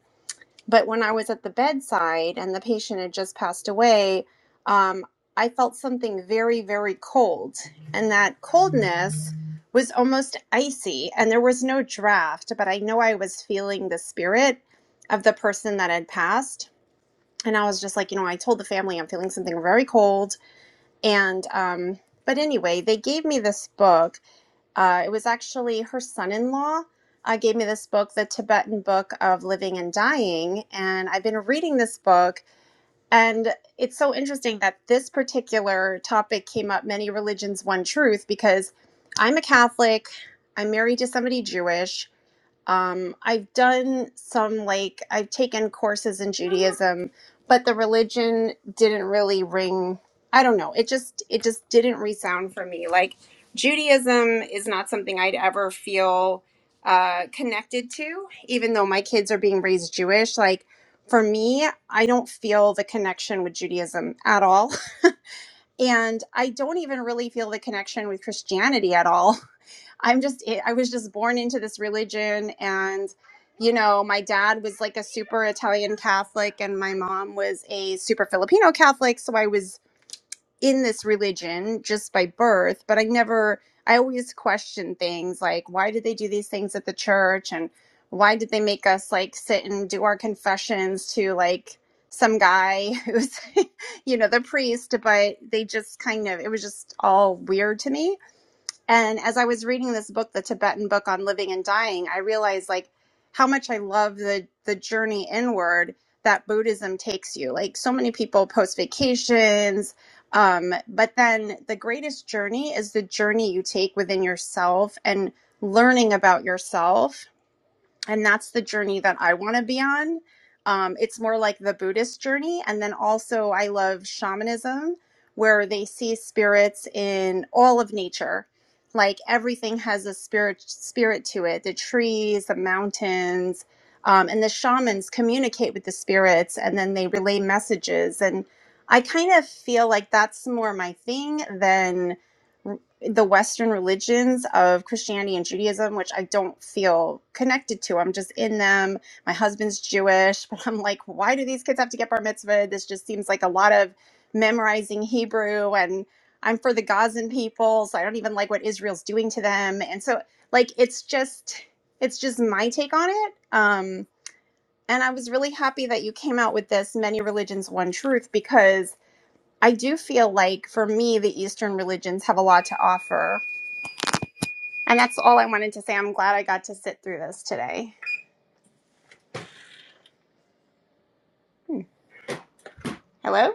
[SPEAKER 4] but when I was at the bedside and the patient had just passed away, um, I felt something very, very cold. And that coldness was almost icy. And there was no draft, but I know I was feeling the spirit of the person that had passed. And I was just like, you know, I told the family I'm feeling something very cold. And, um, but anyway, they gave me this book uh, it was actually her son-in-law uh, gave me this book, The Tibetan Book of Living and Dying, and I've been reading this book. And it's so interesting that this particular topic came up: many religions, one truth. Because I'm a Catholic, I'm married to somebody Jewish, um, I've done some like I've taken courses in Judaism, but the religion didn't really ring. I don't know. It just it just didn't resound for me. Like Judaism is not something I'd ever feel uh, connected to, even though my kids are being raised Jewish. Like for me, I don't feel the connection with Judaism at all, and I don't even really feel the connection with Christianity at all. I'm just, eh, I was just born into this religion. And, you know, my dad was like a super Italian Catholic and my mom was a super Filipino Catholic. So I was in this religion just by birth, but I never, I always questioned things like, why did they do these things at the church? And why did they make us like sit and do our confessions to like, some guy who's you know the priest but they just kind of it was just all weird to me and as I was reading this book, the Tibetan book on living and dying, I realized like how much I love the the journey inward that Buddhism takes you. Like so many people post vacations, um, but then the greatest journey is the journey you take within yourself and learning about yourself and that's the journey that I want to be on. Um, it's more like the Buddhist journey, and then also I love shamanism, where they see spirits in all of nature. Like everything has a spirit spirit to it. The trees, the mountains, um, and the shamans communicate with the spirits, and then they relay messages. And I kind of feel like that's more my thing than the Western religions of Christianity and Judaism, which I don't feel connected to. I'm just in them. My husband's Jewish, but I'm like, why do these kids have to get bar mitzvah? This just seems like a lot of memorizing Hebrew, and I'm for the Gazan people, so I don't even like what Israel's doing to them. And so, like, it's just, it's just my take on it. Um, and I was really happy that you came out with this many religions, one truth, because I do feel like for me, the Eastern religions have a lot to offer and that's all I wanted to say. I'm glad I got to sit through this today. Hello?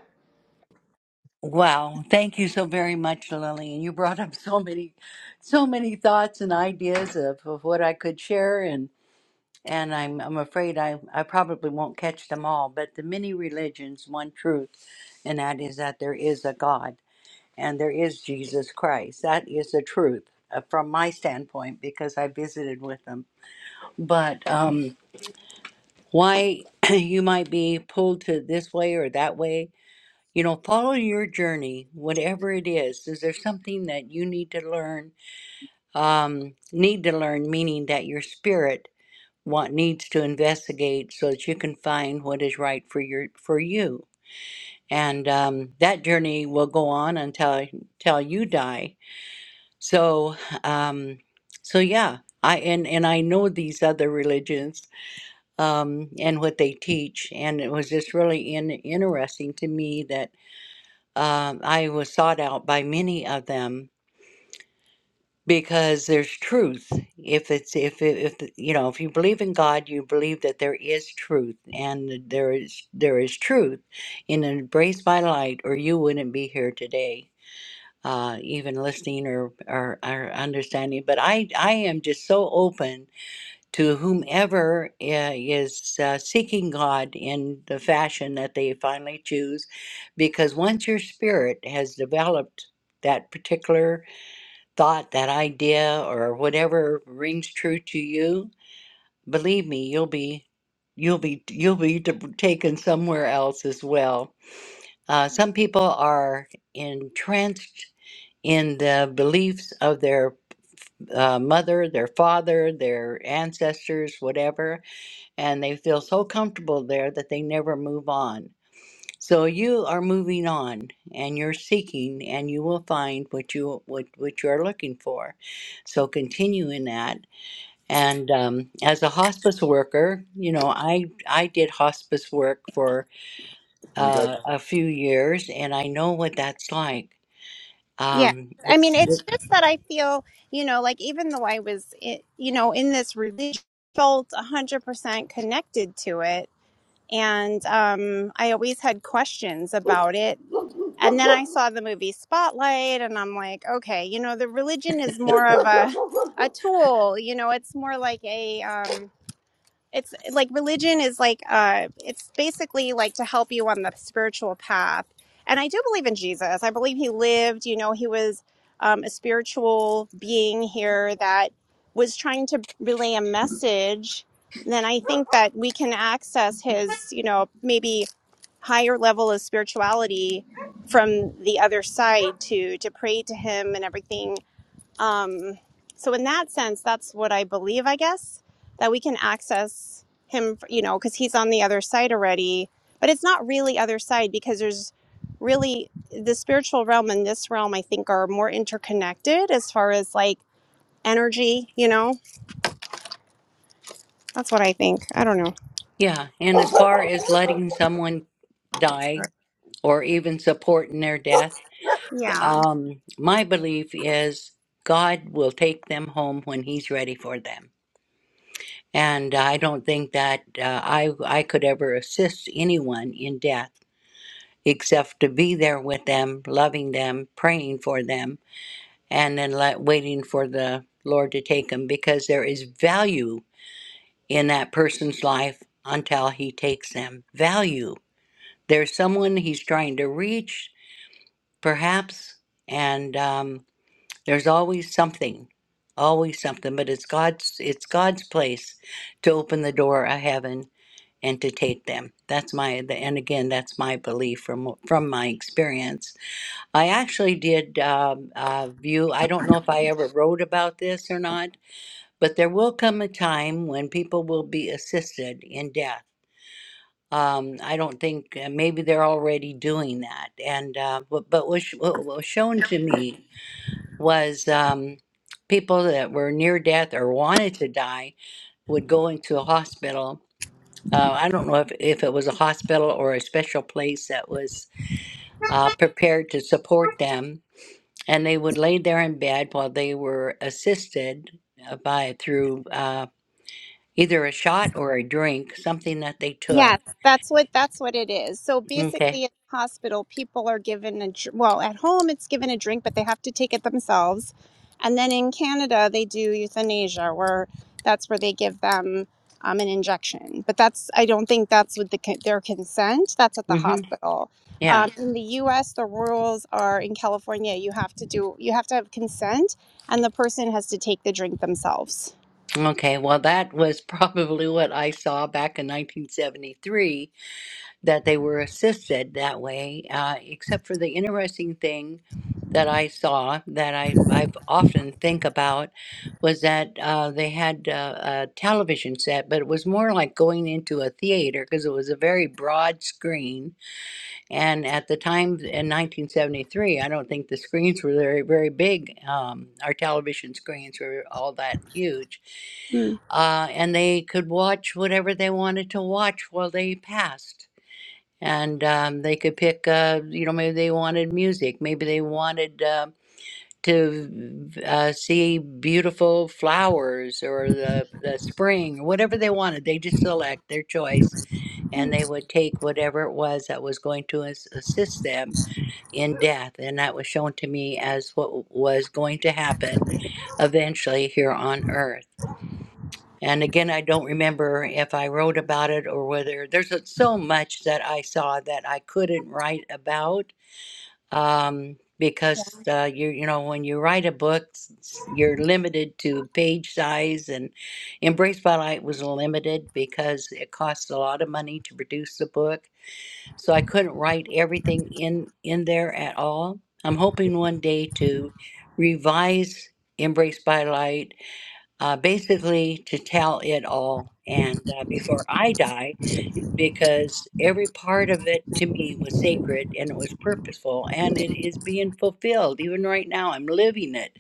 [SPEAKER 2] Wow. Thank you so very much, Lillian. You brought up so many, so many thoughts and ideas of, of what I could share. And and I'm I'm afraid I I probably won't catch them all, but the many religions, one truth, and that is that there is a God and there is Jesus Christ. That is the truth uh, from my standpoint because I visited with them. But um, why you might be pulled to this way or that way, you know, follow your journey, whatever it is. Is there something that you need to learn? Um, need to learn, meaning that your spirit what needs to investigate so that you can find what is right for your for you and um, that journey will go on until until you die so um, so yeah i and and i know these other religions um, and what they teach and it was just really in, interesting to me that um, i was sought out by many of them because there's truth if it's if it, if the- you know if you believe in god you believe that there is truth and there is there is truth in embrace by light or you wouldn't be here today uh even listening or or, or understanding but i i am just so open to whomever uh, is uh, seeking god in the fashion that they finally choose because once your spirit has developed that particular thought, that idea, or whatever rings true to you, believe me, you'll be you'll be you'll be t- taken somewhere else as well. Uh, some people are entranced in the beliefs of their uh, mother, their father, their ancestors, whatever, and they feel so comfortable there that they never move on. So you are moving on and you're seeking and you will find what you what, what you're looking for. So continue in that. And um, as a hospice worker, you know, I I did hospice work for
[SPEAKER 4] You got
[SPEAKER 2] uh, a few years and I know what that's like.
[SPEAKER 4] Yeah.
[SPEAKER 2] Um,
[SPEAKER 4] I mean,
[SPEAKER 2] it's it,
[SPEAKER 4] it's just that I feel, you know, like even though I was, i- you know, in this religion, I felt 100% connected to it. And um, I always had questions about it. And then I saw the movie Spotlight, and I'm like, okay, you know, the religion is more of a, a tool. You know, it's more like a, um, it's like religion is like uh it's basically like to help you on the spiritual path and i do believe in jesus i believe he lived you know he was um, a spiritual being here that was trying to relay a message then i think that we can access his you know maybe higher level of spirituality from the other side to to pray to him and everything um, so in that sense, that's what I believe, I guess, that we can access him, you know, because he's on the other side already. But it's not really other side because there's really the spiritual realm and this realm, I think, are more interconnected as far as like energy, you know? That's what I think. I don't know.
[SPEAKER 2] yeah, and as far as letting someone die or even supporting their death,
[SPEAKER 4] Yeah.
[SPEAKER 2] um, my belief is God will take them home when he's ready for them. and I don't think that uh, I I could ever assist anyone in death except to be there with them, loving them, praying for them, and then let, waiting for the Lord to take them because there is value in that person's life until He takes them. Value. There's someone He's trying to reach, perhaps, and um, there's always something, always something. But it's God's it's God's place to open the door of heaven Entertain them. That's my the, and again, that's my belief from from my experience. I actually did um, uh, view. I don't know if I ever wrote about this or not, but there will come a time when people will be assisted in death. Um, I don't think uh, maybe they're already doing that, and uh, but, but was, what was shown to me was um, people that were near death or wanted to die would go into a hospital uh, I don't know if, if it was a hospital or a special place that was uh, prepared to support them. And they would lay there in bed while they were assisted uh, by through uh, either a shot or a drink, something that they took.
[SPEAKER 4] Yes, that's what that's what it is. So
[SPEAKER 2] Okay.
[SPEAKER 4] basically, in the hospital, people are given a dr- well at home it's given a drink, but they have to take it themselves. And then in Canada, they do euthanasia, where that's where they give them um, an injection. But that's I don't think that's with the con- their consent. That's at the
[SPEAKER 2] Mm-hmm.
[SPEAKER 4] hospital.
[SPEAKER 2] Yeah.
[SPEAKER 4] Um, in the U.S., the rules are in California, you have to do you have to have consent, and the person has to take the drink themselves.
[SPEAKER 2] Okay. Well, that was probably what I saw back in 1973 that they were assisted that way, uh, except for the interesting thing that I saw that I, I often think about was that uh, they had uh, a television set, but it was more like going into a theater because it was a very broad screen. And at the time in 1973, I don't think the screens were very, very big. Um, our television screens were all that huge.
[SPEAKER 4] Hmm.
[SPEAKER 2] Uh, and they could watch whatever they wanted to watch while they passed and um, they could pick uh, you know maybe they wanted music maybe they wanted uh, to uh, see beautiful flowers or the, the spring whatever they wanted they just select their choice and they would take whatever it was that was going to as- assist them in death and that was shown to me as what was going to happen eventually here on earth and again, I don't remember if I wrote about it or whether there's so much that I saw that I couldn't write about um, because uh, you you know when you write a book, s- you're limited to page size, and Embrace by Light was limited because it costs a lot of money to produce the book, so I couldn't write everything in in there at all. I'm hoping one day to revise Embrace by Light uh, basically to tell it all and uh, before I die, because every part of it to me was sacred and it was purposeful and it is being fulfilled. Even right now, I'm living it.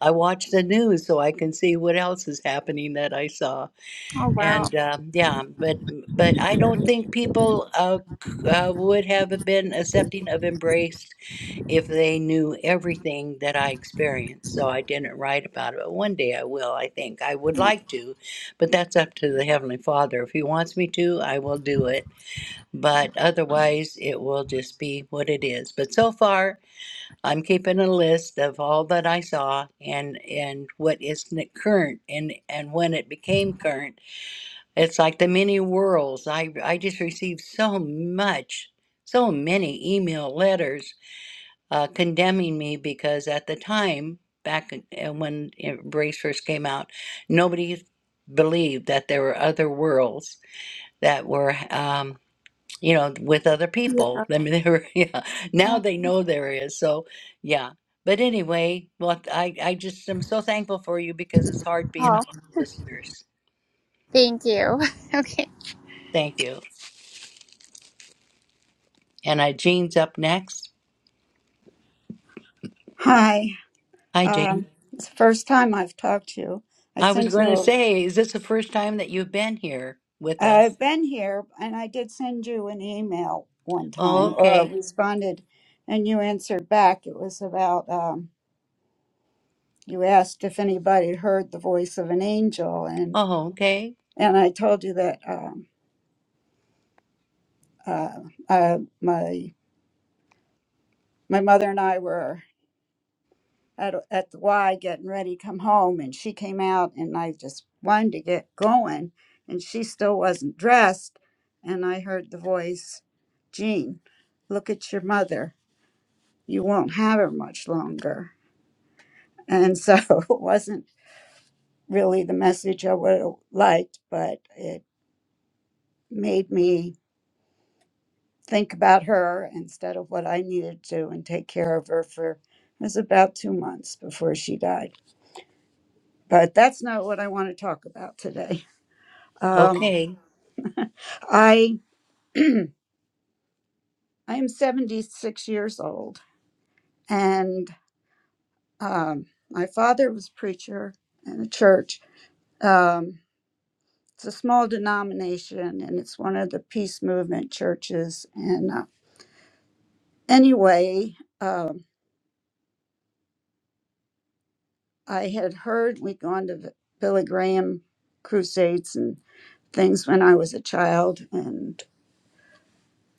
[SPEAKER 2] I watch the news so I can see what else is happening that I saw.
[SPEAKER 4] Oh wow!
[SPEAKER 2] And um, yeah, but but I don't think people uh, c- uh, would have been accepting of embraced if they knew everything that I experienced. So I didn't write about it. But one day I will, I think. I would like to, but that's up to the Heavenly Father. If He wants me to, I will do it. But otherwise, it will just be what it is. But so far, I'm keeping a list of all that I saw and and what is n- current and and when it became current. It's like the many worlds. I I just received so much, so many email letters uh, condemning me because at the time, back uh, when Brace first came out, nobody believed that there were other worlds that were, um, you know, with other people. I mean, they were, yeah. Now they know there is. So, yeah. But anyway, well, I, I just am so thankful for you because it's hard being a
[SPEAKER 4] Oh,
[SPEAKER 2] hospice nurse.
[SPEAKER 4] thank you. okay.
[SPEAKER 2] Thank you. And I, Jean's up next.
[SPEAKER 5] Hi.
[SPEAKER 2] Hi, Jean.
[SPEAKER 5] Um, it's the first time I've talked to you. I
[SPEAKER 2] I was
[SPEAKER 5] sent
[SPEAKER 2] going to
[SPEAKER 5] you,
[SPEAKER 2] say, is this the first time that you've been here with us?
[SPEAKER 5] I've been here and I did send you an email one
[SPEAKER 2] Oh,
[SPEAKER 5] time or I
[SPEAKER 2] okay.
[SPEAKER 5] responded and you answered back. It was about, um, you asked if anybody had heard the voice of an angel and,
[SPEAKER 2] Oh, okay.
[SPEAKER 5] and I told you that, um, uh, uh, my, my mother and I were at, at the Y getting ready to come home, and she came out, and I just wanted to get going, and she still wasn't dressed. And I heard the voice, Jean, look at your mother. You won't have her much longer. And so it wasn't really the message I would have liked, but it made me think about her instead of what I needed to and take care of her for it was about two months before she died. But that's not what I want to talk about today. Um,
[SPEAKER 2] Okay.
[SPEAKER 5] I I am 76 years old, and um, my father was preacher in a church. Um, it's a small denomination, and it's one of the peace movement churches. And uh, anyway, um, I had heard we'd gone to the Billy Graham crusades and things when I was a child, and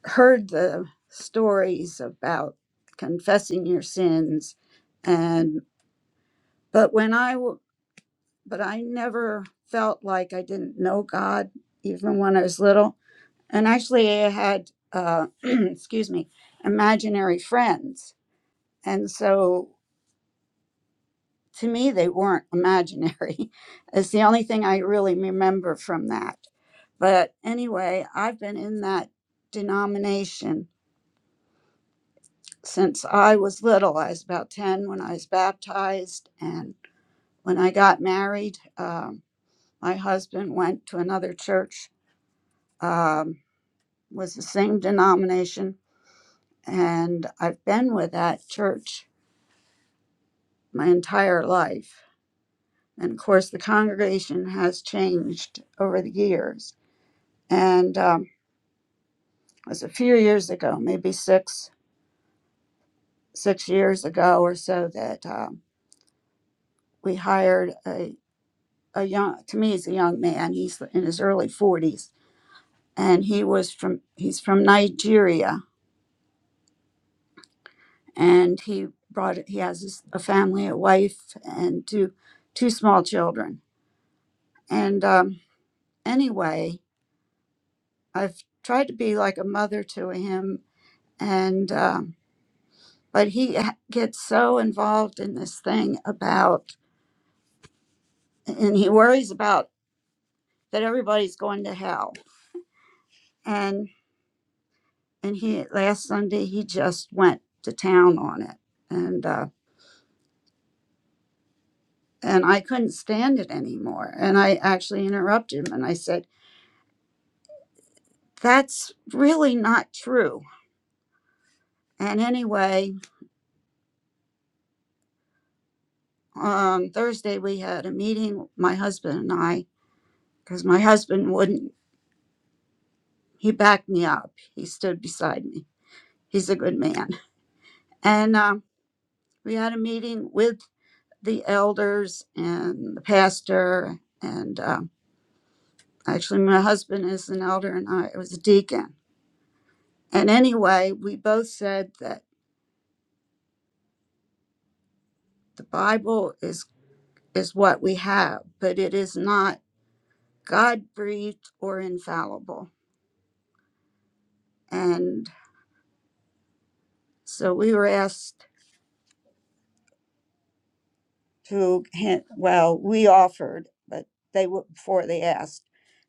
[SPEAKER 5] heard the stories about confessing your sins and but when I w- but I never felt like I didn't know God even when I was little. And actually, I had, uh, excuse me, imaginary friends. And so to me, they weren't imaginary. it's the only thing I really remember from that. But anyway, I've been in that denomination since I was little. I was about 10 when I was baptized. And when I got married, um, my husband went to another church. Um, was the same denomination, and I've been with that church my entire life. And of course, the congregation has changed over the years. And um, it was a few years ago, maybe six six years ago or so, that um, we hired a a young to me he's a young man he's in his early 40s and he was from he's from nigeria and he brought he has a family a wife and two two small children And um, anyway, I've tried to be like a mother to him, and um, but he ha- gets so involved in this thing about, and he worries about that everybody's going to hell. And and he last Sunday he just went to town on it, and uh, and I couldn't stand it anymore. And I actually interrupted him and I said, "That's really not true." And anyway, um, Thursday we had a meeting, my husband and I, because my husband wouldn't. He backed me up. He stood beside me. He's a good man. And um, we had a meeting with the elders and the pastor. And um, actually, my husband is an elder and I was a deacon. And anyway, we both said that the Bible is, is what we have, but it is not God breathed or infallible. And so we were asked to hint, well, we offered, but they were before they asked,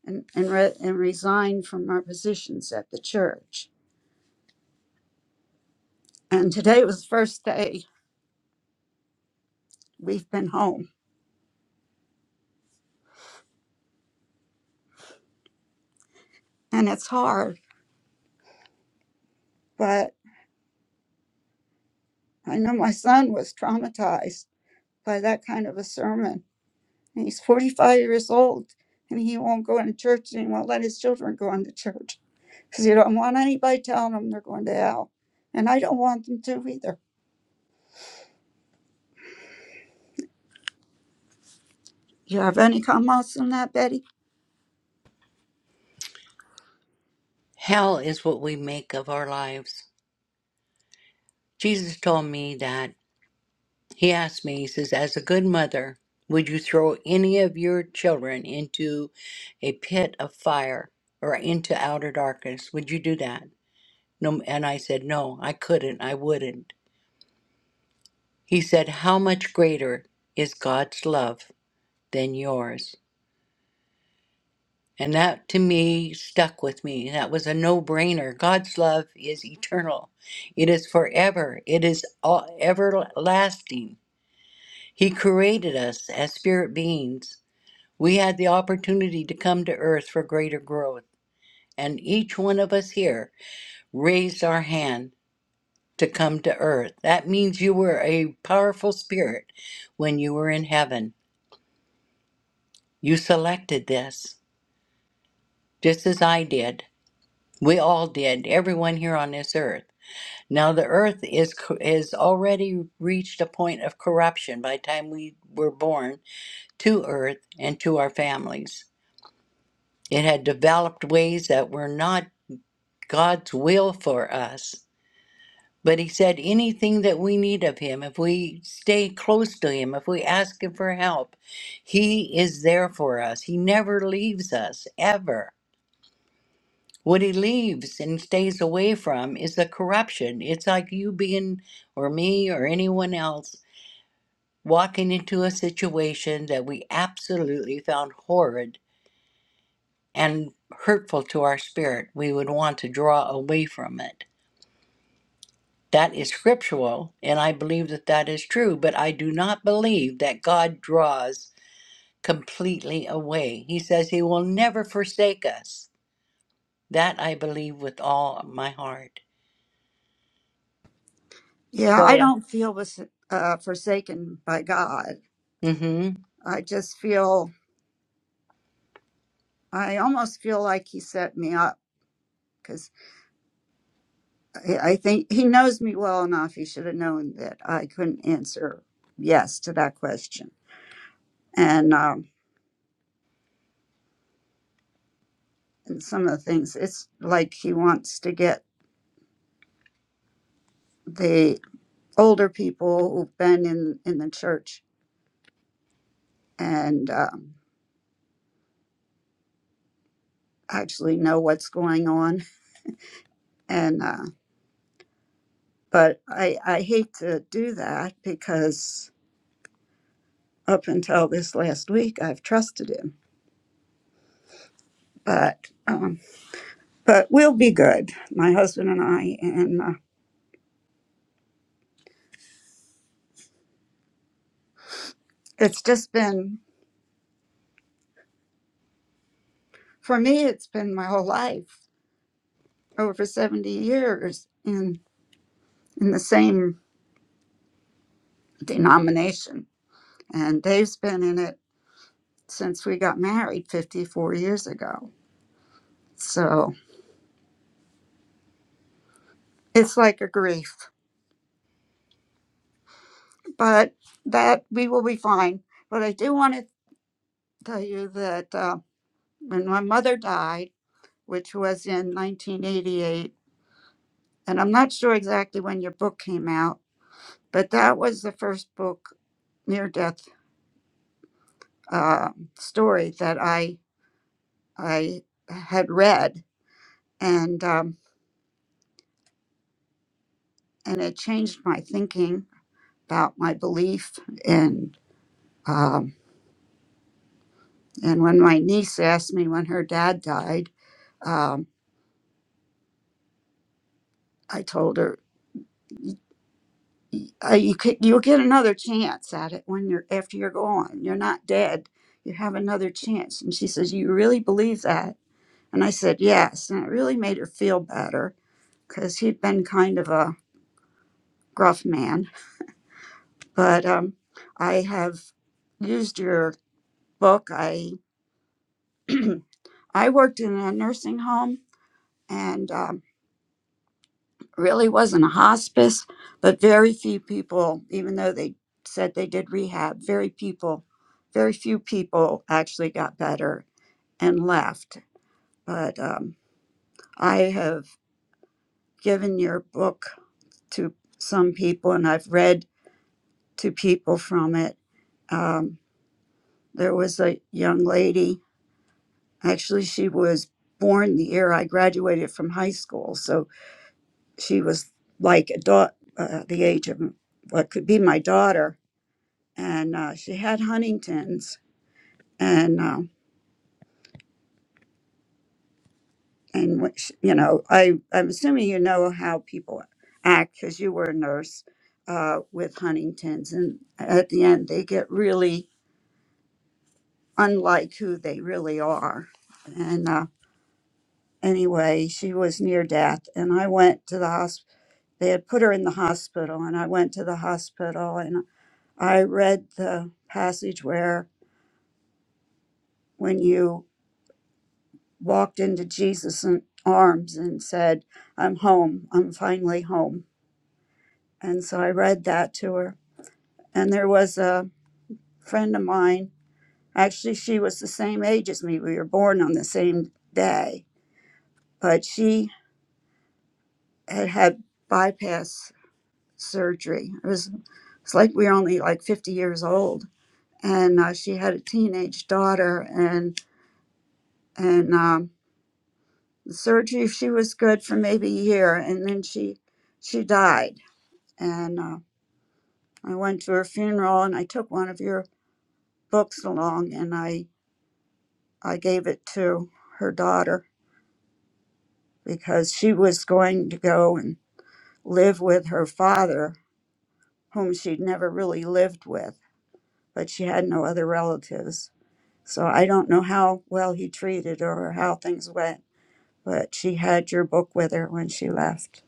[SPEAKER 5] and and, re, and resigned from our positions at the church. And today was the first day we've been home, and it's hard. But I know my son was traumatized by that kind of a sermon. And he's 45 years old, and he won't go into church, and he won't let his children go into church because he don't want anybody telling them they're going to hell, and I don't want them to either. You have any comments on that, Betty?
[SPEAKER 2] Hell is what we make of our lives. Jesus told me that. He asked me, he says, as a good mother, would you throw any of your children into a pit of fire or into outer darkness? Would you do that? No, and I said, no, I couldn't. I wouldn't. He said, how much greater is God's love than yours? And that to me stuck with me. That was a no brainer. God's love is eternal, it is forever, it is all everlasting. He created us as spirit beings. We had the opportunity to come to earth for greater growth. And each one of us here raised our hand to come to earth. That means you were a powerful spirit when you were in heaven. You selected this, just as I did. We all did, everyone here on this earth. Now the earth is co- is already reached a point of corruption by the time we were born to earth and to our families. It had developed ways that were not God's will for us. But he said anything that we need of him, if we stay close to him, if we ask him for help, he is there for us. He never leaves us ever. What he leaves and stays away from is the corruption. It's like you being or me or anyone else walking into a situation that we absolutely found horrid and hurtful to our spirit, we would want to draw away from it. That is scriptural, and I believe that that is true, but I do not believe that God draws completely away. He says He will never forsake us. That I believe with all my heart.
[SPEAKER 5] Yeah, I
[SPEAKER 2] So,
[SPEAKER 5] don't feel was, uh, forsaken by God. I just feel, I almost feel like He set me up because I, I think He knows me well enough. He should have known that I couldn't answer yes to that question. And, um, and some of the things, it's like He wants to get the older people who've been in, in the church and um, actually know what's going on. And, uh, but I, I hate to do that because up until this last week, I've trusted him. But um, but we'll be good, my husband and I. And uh, it's just been for me, it's been my whole life, over seventy years in in the same denomination. And Dave's been in it since we got married fifty four years ago. So it's like a grief, but that we will be fine. But I do want to tell you that uh, when my mother died. which was in 1988. And I'm not sure exactly when your book came out, but that was the first book, near death uh, story, that I I had read, and um, and it changed my thinking about my belief. And um, and when my niece asked me when her dad died, um, I told her uh, you could, you'll get another chance at it when you're after you're gone. You're not dead. You have another chance. And she says, "You really believe that?" And I said, "Yes." And it really made her feel better because he'd been kind of a gruff man. But um, I have used your book. I I worked in a nursing home, and um, really wasn't a hospice, but very few people, even though they said they did rehab, very people, very few people actually got better and left. But um, I have given your book to some people, and I've read to people from it. Um, there was a young lady. Actually, she was born the year I graduated from high school, so she was like a da- uh, the age of what could be my daughter and uh, she had Huntington's, and uh, and what sh you know, I I'm assuming you know how people act because you were a nurse uh, with Huntington's, and at the end they get really unlike who they really are. And uh, anyway, she was near death, and I went to the hospital. They had put her in the hospital, and I went to the hospital, and I read the passage where when you walked into Jesus' arms and said, I'm home. I'm finally home. And so I read that to her. And there was a friend of mine, actually, she was the same age as me. We were born on the same day, but she had had bypass surgery. It was, it's like we were only like 50 years old. And uh, she had a teenage daughter, and and um, the surgery she was good for maybe a year, and then she she died. And uh, I went to her funeral and I took one of your books along and I I gave it to her daughter because she was going to go and live with her father whom she'd never really lived with but she had no other relatives. So I don't know how well he treated her or how things went, but she had your book with her when she left.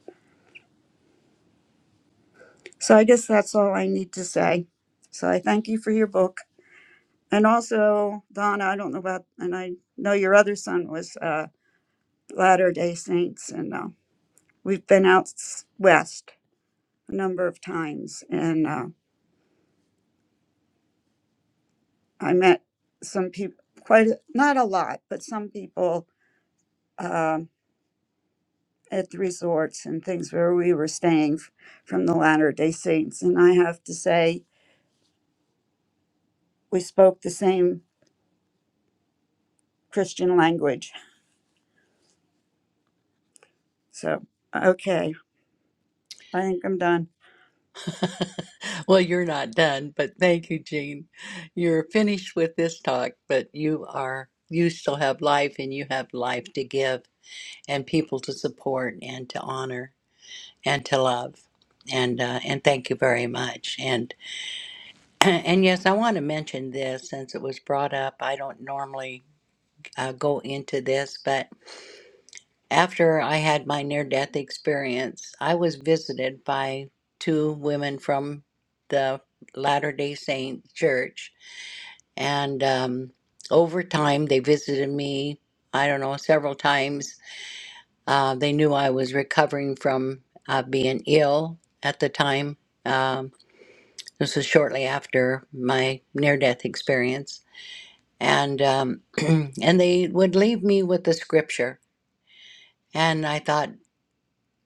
[SPEAKER 5] So I guess that's all I need to say. So I thank you for your book. And also, Donna, I don't know about, and I know your other son was uh, Latter day Saints. And uh, we've been out s- west a number of times. And uh, I met some people, quite a- not a lot, but some people um at the resorts and things where we were staying f- from the Latter day Saints. And I have to say, we spoke the same Christian language. So, okay, I think I'm done.
[SPEAKER 2] Well, you're not done, but thank you, Jean. You're finished with this talk, but you are you still have life and you have life to give and people to support and to honor and to love. And uh, and thank you very much. And and yes, I want to mention this since it was brought up. I don't normally uh, go into this, but. After I had my near death experience, I was visited by two women from the Latter day Saint church. And um, over time, they visited me, I don't know, several times. Uh, they knew I was recovering from uh, being ill at the time. Um, this was shortly after my near death experience. And, um, and they would leave me with the scripture. And I thought,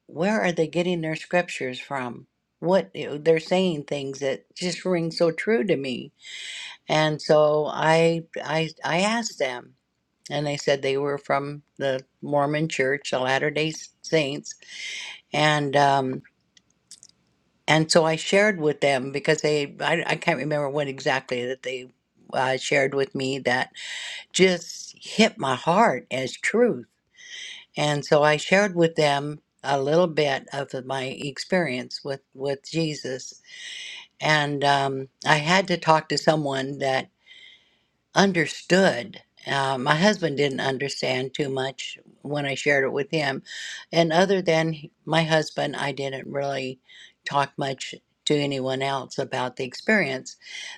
[SPEAKER 2] where are they getting their scriptures from? What eh, they're saying things that just ring so true to me. And so I I I asked them and they said they were from the Mormon church, the Latter-day Saints, and um and so I shared with them because they I, I can't remember what exactly that they uh, shared with me that just hit my heart as truth And so I shared with them a little bit of my experience with, with Jesus. And um, I had to talk to someone that understood. Uh, my husband didn't understand too much when I shared it with him. And other than h- my husband, I didn't really talk much to anyone else about the experience.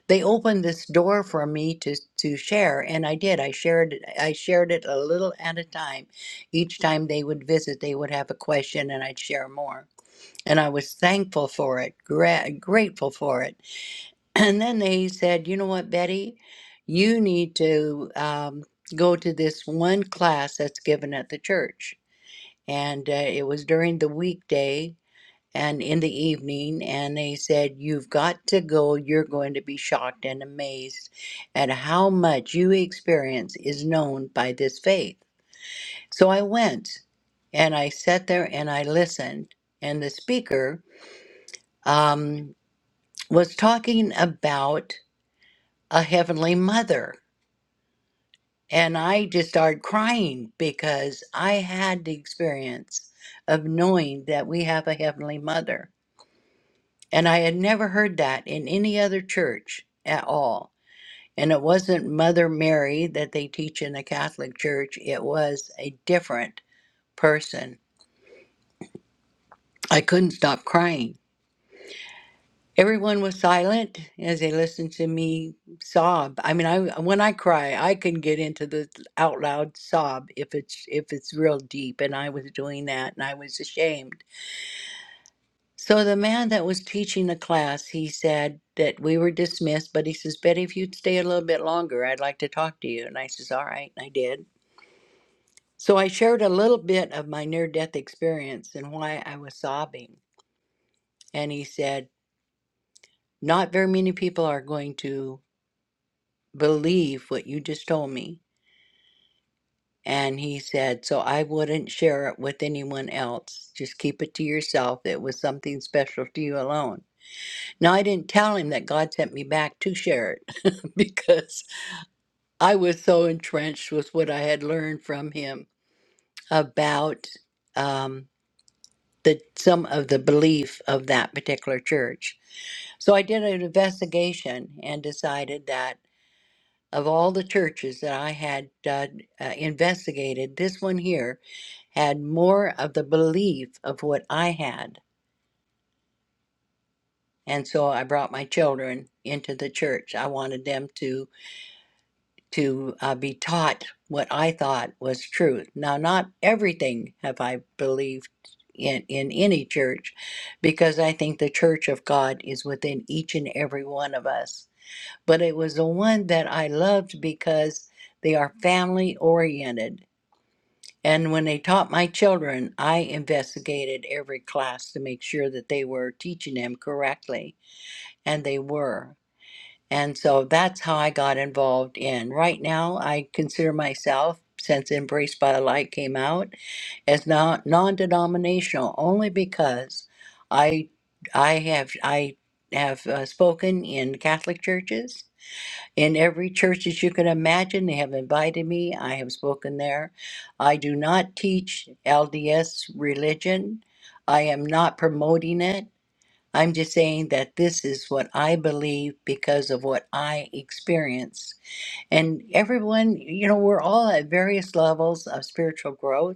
[SPEAKER 2] They opened this door for me to, to share, and I did. I shared I shared it a little at a time. Each time they would visit, they would have a question, and I'd share more. And I was thankful for it, gra- grateful for it and then they said, you know what, Betty, you need to um, go to this one class that's given at the church. And uh, it was during the weekday and in the evening. And they said, you've got to go. You're going to be shocked and amazed at how much you experience is known by this faith. So I went and I sat there and I listened. And the speaker um, was talking about a heavenly mother And I just started crying because I had the experience of knowing that we have a Heavenly Mother. And I had never heard that in any other church at all. And it wasn't Mother Mary that they teach in the Catholic Church, it was a different person. I couldn't stop crying. Everyone was silent as they listened to me sob. I mean, I when I cry, I can get into the out loud sob if it's if it's real deep, and I was doing that, and I was ashamed. So the man that was teaching the class, he said that we were dismissed, but he says, "Betty, if you'd stay a little bit longer, I'd like to talk to you." And I says, "All right," and I did. So I shared a little bit of my near death experience and why I was sobbing, and he said, "Not very many people are going to." believe what you just told me. And he said, So I wouldn't share it with anyone else. Just keep it to yourself. It was something special to you alone. Now, I didn't tell him that God sent me back to share it because I was so entrenched with what I had learned from him about um, the some of the belief of that particular church. So I did an investigation and decided that. of all the churches that I had uh, uh, investigated, this one here had more of the belief of what I had. And so I brought my children into the church. I wanted them to to uh, be taught what I thought was truth. Now, not everything have I believed in in any church, because I think the church of God is within each and every one of us. But it was the one that I loved because they are family oriented And when they taught my children, I investigated every class to make sure that they were teaching them correctly, and they were. And so that's how I got involved in. Right now, I consider myself, since Embraced by the Light came out, as not non-denominational only because I I have I have uh, spoken in Catholic churches in every church that you can imagine. They have invited me. I have spoken there. I do not teach LDS religion. I am not promoting it. I'm just saying that this is what I believe because of what I experience. And everyone, you know, we're all at various levels of spiritual growth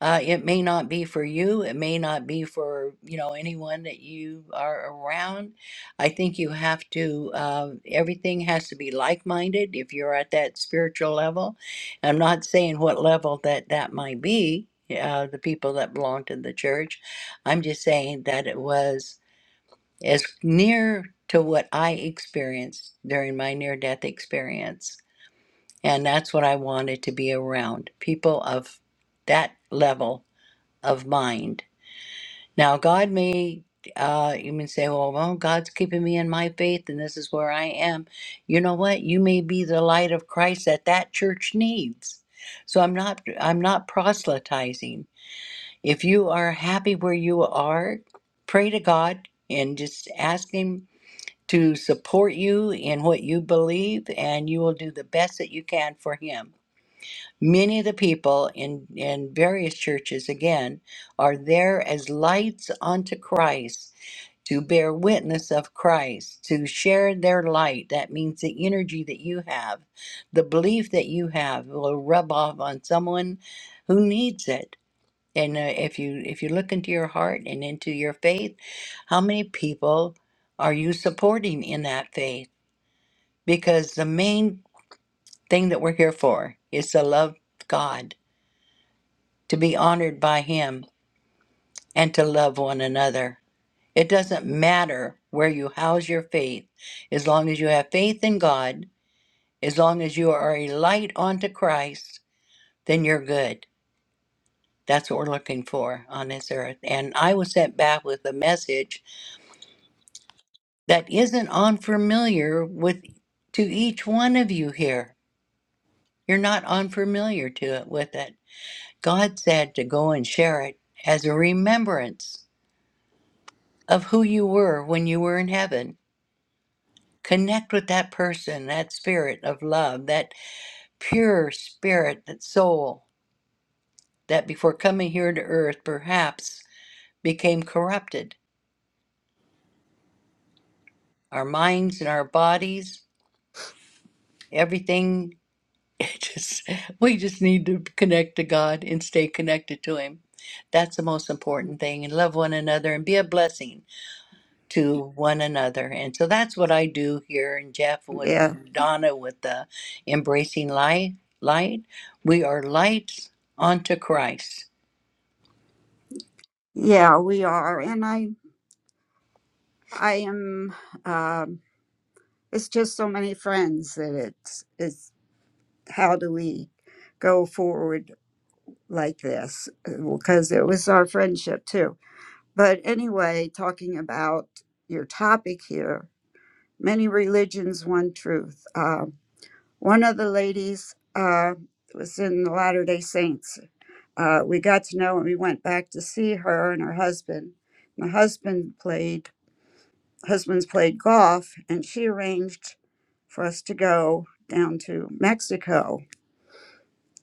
[SPEAKER 2] uh, it may not be for you. It may not be for you know anyone that you are around. I think you have to. Uh, everything has to be like-minded if you're at that spiritual level. I'm not saying what level that that might be. Uh, the people that belong to the church. I'm just saying that it was as near to what I experienced during my near-death experience, and that's what I wanted to be around people of that level of mind. Now, God may, uh, you may say, well, well, God's keeping me in my faith and this is where I am. You know what? You may be the light of Christ that that church needs. So I'm not, I'm not proselytizing. If you are happy where you are, pray to God and just ask Him to support you in what you believe and you will do the best that you can for Him. Many of the people in, in various churches, again, are there as lights unto Christ to bear witness of Christ, to share their light. That means the energy that you have, the belief that you have will rub off on someone who needs it. And uh, if you if you look into your heart and into your faith, how many people are you supporting in that faith? Because the main thing that we're here for is to love God to be honored by Him, and to love one another. It doesn't matter where you house your faith, as long as you have faith in God, as long as you are a light unto Christ, then you're good. That's what we're looking for on this earth. And I was sent back with a message that isn't unfamiliar with to each one of you here. You're not unfamiliar to it with it. God said to go and share it as a remembrance of who you were when you were in heaven Connect with that person, that spirit of love, that pure spirit, that soul that before coming here to earth perhaps became corrupted. Our minds and our bodies, everything, it just, we just need to connect to God and stay connected to Him. That's the most important thing. And love one another and be a blessing to one another. And so that's what I do here And Jeff with
[SPEAKER 5] Yeah,
[SPEAKER 2] and Donna with the embracing light light. We are lights unto Christ.
[SPEAKER 5] yeah, we are. And I, I am, um, it's just so many friends that it's, it's how do we go forward like this? Because it was our friendship too. But anyway, talking about your topic here, many religions, one truth. Um, one of the ladies uh, was in the Latter day Saints. Uh, we got to know and we went back to see her and her husband. My husband played, husband's played golf, and she arranged for us to go down to Mexico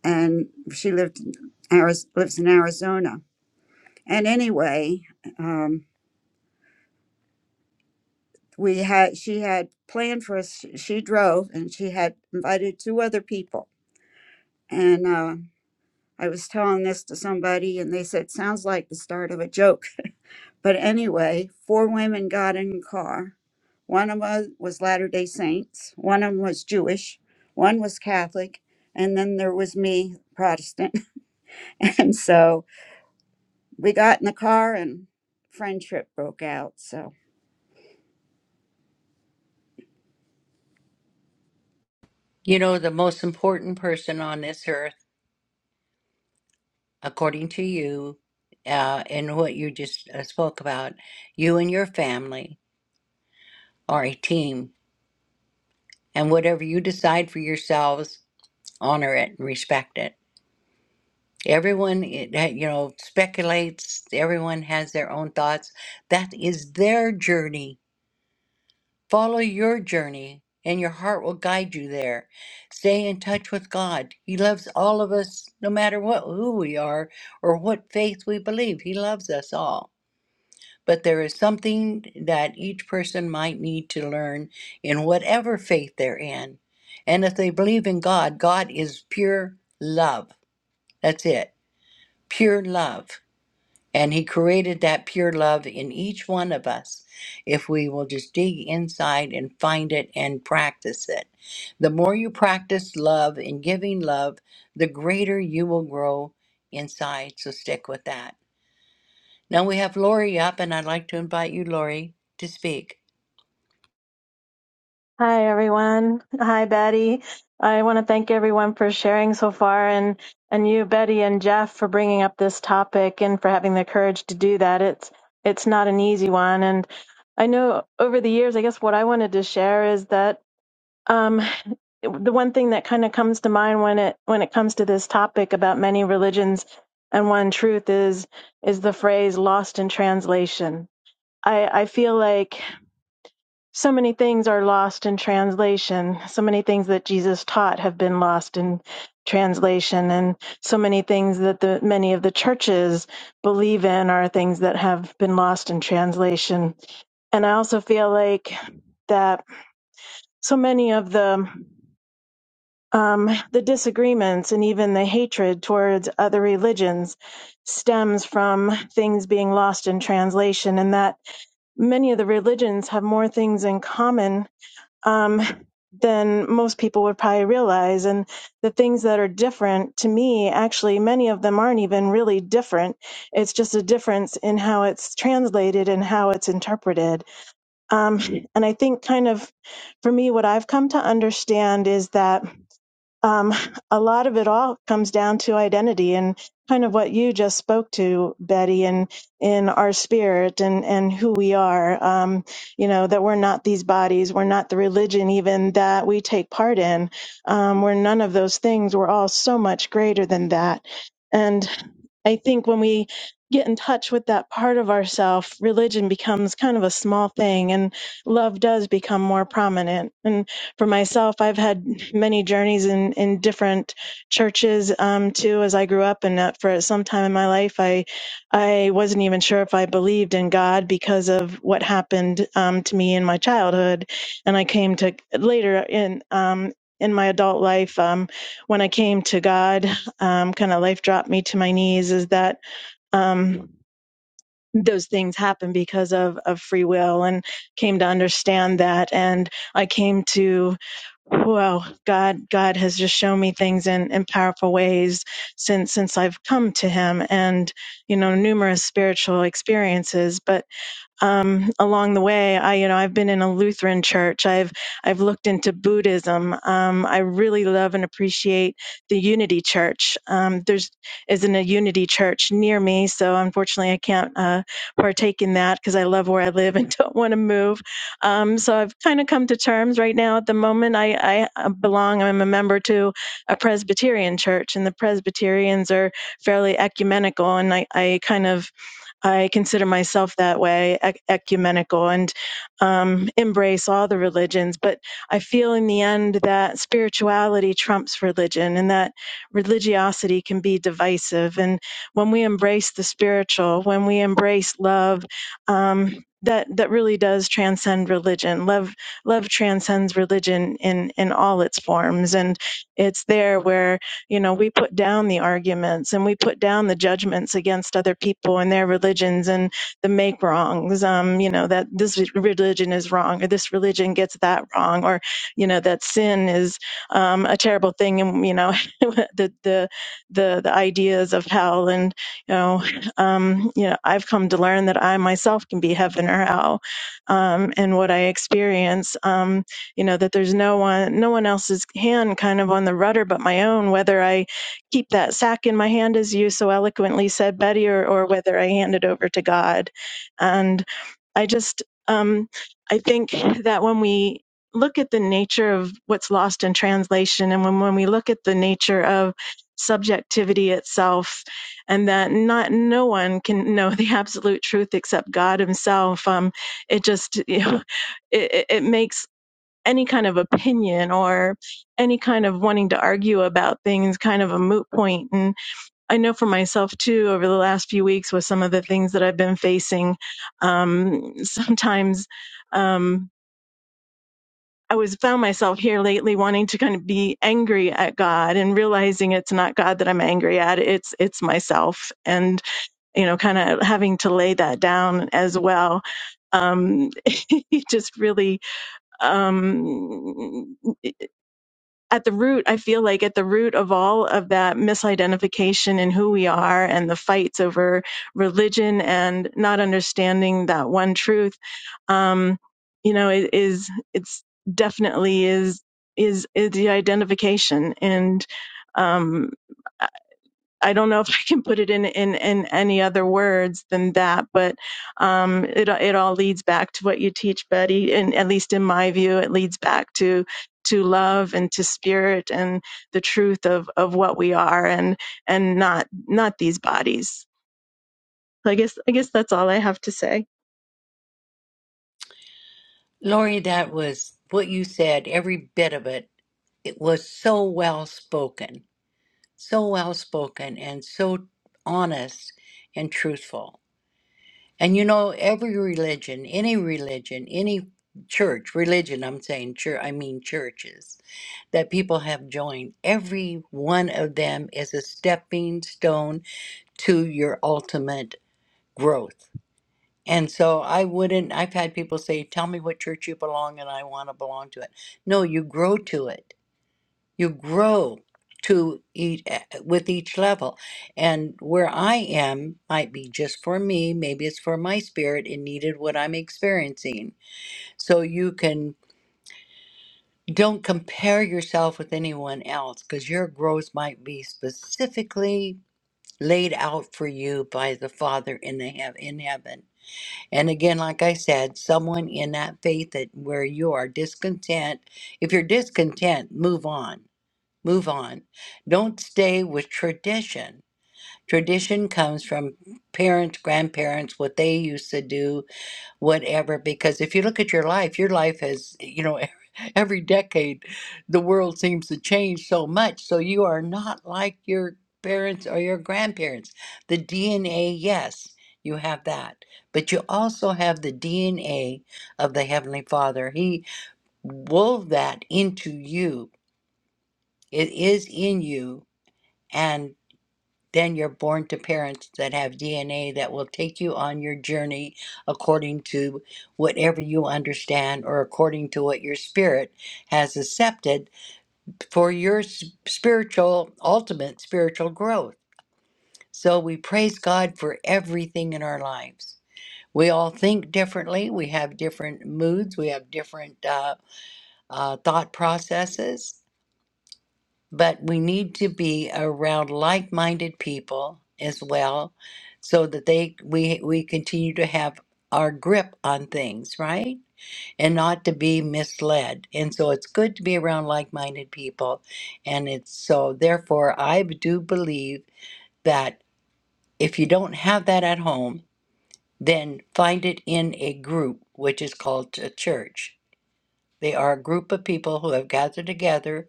[SPEAKER 5] and she lived in Ariz- lives in Arizona. And anyway, um, we had she had planned for us. She drove, and she had invited two other people. And uh, I was telling this to somebody, and they said, "Sounds like the start of a joke." But anyway, four women got in a car. One of them was Latter Day Saints. One of them was Jewish. One was Catholic, and then there was me, Protestant. And so we got in the car and friendship broke out. So.
[SPEAKER 2] You know, the most important person on this earth, according to you, uh, and what you just uh, spoke about, you and your family are a team. And whatever you decide for yourselves, honor it and respect it. Everyone, it that, you know, speculates, everyone has their own thoughts. That is their journey. Follow your journey, and your heart will guide you there. Stay in touch with God. He loves all of us, no matter what who we are or what faith we believe. He loves us all. But there is something that each person might need to learn in whatever faith they're in. And if they believe in God, God is pure love. That's it. Pure love. And He created that pure love in each one of us if we will just dig inside and find it and practice it. The more you practice love and giving love, the greater you will grow inside. So stick with that. Now we have Lori up, and I'd like to invite you, Lori, to speak.
[SPEAKER 6] Hi, everyone. Hi, Betty. I want to thank everyone for sharing so far and, and you, Betty and Jeff, for bringing up this topic and for having the courage to do that. It's, it's not an easy one. And I know over the years, I guess what I wanted to share is that, um, the one thing that kind of comes to mind when it, when it comes to this topic about many religions and one truth is, is the phrase lost in translation. I, I feel like so many things are lost in translation. So many things that Jesus taught have been lost in translation and so many things that the many of the churches believe in are things that have been lost in translation. And I also feel like that so many of the um, the disagreements and even the hatred towards other religions stems from things being lost in translation and that many of the religions have more things in common um, than most people would probably realize. And the things that are different to me, actually, many of them aren't even really different. It's just a difference in how it's translated and how it's interpreted. Um, and I think, kind of, for me, what I've come to understand is that um, a lot of it all comes down to identity and kind of what you just spoke to, Betty, and in our spirit and, and who we are. Um, you know, that we're not these bodies, we're not the religion even that we take part in. Um, we're none of those things. We're all so much greater than that. And I think when we get in touch with that part of ourself, religion becomes kind of a small thing and love does become more prominent. And for myself, I've had many journeys in, in different churches um, too. As I grew up, and that for some time in my life, I I wasn't even sure if I believed in God because of what happened um, to me in my childhood, and I came to later in. Um, in my adult life, um, when I came to God, um, kind of life dropped me to my knees. Is that um, those things happen because of of free will, and came to understand that. And I came to well, God, God has just shown me things in, in powerful ways since since I've come to Him, and you know, numerous spiritual experiences. But um, along the way. I, you know, I've been in a Lutheran church. I've I've looked into Buddhism. Um, I really love and appreciate the Unity Church. Um, there's isn't a Unity Church near me, so unfortunately I can't uh, partake in that because I love where I live and don't want to move. Um, so I've kind of come to terms right now. At the moment, I, I uh, belong. I'm a member to a Presbyterian church, and the Presbyterians are fairly ecumenical, and I, I kind of I consider myself that way, ec- ecumenical, and um, embrace all the religions. But I feel in the end that spirituality trumps religion and that religiosity can be divisive. And when we embrace the spiritual, when we embrace love, um, that, that really does transcend religion. Love love transcends religion in, in all its forms. And it's there where you know, we put down the arguments and we put down the judgments against other people and their religions and the make wrongs. Um, you know, that this religion is wrong or this religion gets that wrong or, you know, that sin is um, a terrible thing. And, you know, the, the, the, the ideas of hell and, you know, um, you know, I've come to learn that I myself can be heaven or hell um, and what I experience. Um, you know that there's no one no one else's hand kind of on the rudder but my own whether i keep that sack in my hand as you so eloquently said betty or, or whether i hand it over to god and i just um, i think that when we look at the nature of what's lost in translation and when, when we look at the nature of subjectivity itself and that not no one can know the absolute truth except god himself um, it just you know, it, it it makes any kind of opinion or any kind of wanting to argue about things kind of a moot point point. and i know for myself too over the last few weeks with some of the things that i've been facing um, sometimes um, i was found myself here lately wanting to kind of be angry at god and realizing it's not god that i'm angry at it's it's myself and you know kind of having to lay that down as well um it just really um at the root, I feel like at the root of all of that misidentification in who we are and the fights over religion and not understanding that one truth, um, you know, it is it's definitely is is is the identification and um, I don't know if I can put it in in, in any other words than that, but um, it it all leads back to what you teach, Betty, and at least in my view, it leads back to to love and to spirit and the truth of of what we are and and not not these bodies. So I guess I guess that's all I have to say.
[SPEAKER 2] Lori, that was what you said, every bit of it. It was so well spoken, so well spoken, and so honest and truthful. And you know, every religion, any religion, any church, religion, I'm saying church, I mean churches that people have joined, every one of them is a stepping stone to your ultimate growth. And so I wouldn't, I've had people say, Tell me what church you belong, and I want to belong to it. No, you grow to it you grow to eat eh, with each level and where i am might be just for me maybe it's for my spirit It needed what i'm experiencing so you can don't compare yourself with anyone else because your growth might be specifically laid out for you by the father in the heav in heaven and again like i said someone in that faith that where you are discontent if you're discontent move on Move on. Don't stay with tradition. Tradition comes from parents, grandparents, what they used to do, whatever. Because if you look at your life, your life has, you know, every decade, the world seems to change so much. So you are not like your parents or your grandparents. The DNA, yes, you have that. But you also have the DNA of the Heavenly Father. He wove that into you, it is in you and then you're born to parents that have DNA that will take you on your journey according to whatever you understand or according to what your spirit has accepted for your s- spiritual, ultimate spiritual growth. So we praise God for everything in our lives. We all think differently, we have different moods, we have different uh, uh, thought processes. but we need to be around like-minded people as well so that they we we continue to have our grip on things right and not to be misled and so it's good to be around like-minded people and it's so therefore i do believe that if you don't have that at home then find it in a group which is called a church they are a group of people who have gathered together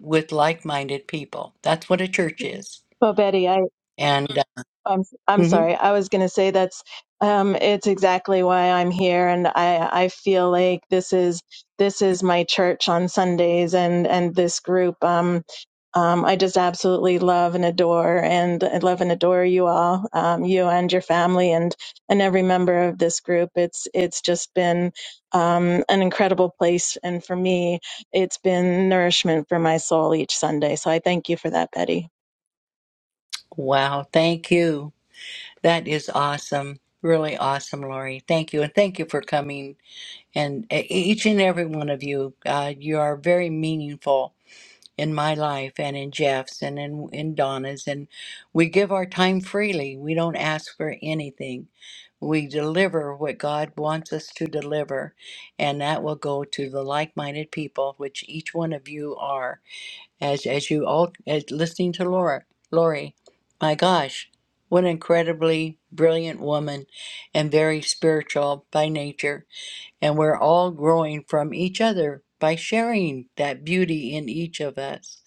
[SPEAKER 2] with like-minded people that's what a church is
[SPEAKER 6] Well, Betty, I
[SPEAKER 2] And uh,
[SPEAKER 6] I'm I'm
[SPEAKER 2] mhm.
[SPEAKER 6] sorry. I was going to say that's um, it's exactly why I'm here, and I I feel like this is this is my church on Sundays, and and this group. Um, um, I just absolutely love and adore, and I love and adore you all, um, you and your family, and and every member of this group. It's it's just been um, an incredible place, and for me, it's been nourishment for my soul each Sunday. So I thank you for that, Betty.
[SPEAKER 2] wow, thank you. That is awesome. Really awesome, Lori. Thank you. And thank you for coming. And e- each and every one of you, uh, you are very meaningful in my life and in Jeff's and in, in Donna's. And we give our time freely, we don't ask for anything. We deliver what God wants us to deliver, and that will go to the like minded people, which each one of you are. as as you all as listening to Laura Lori. My gosh, what an incredibly brilliant woman and very spiritual by nature. And we're all growing from each other by sharing that beauty in each of us.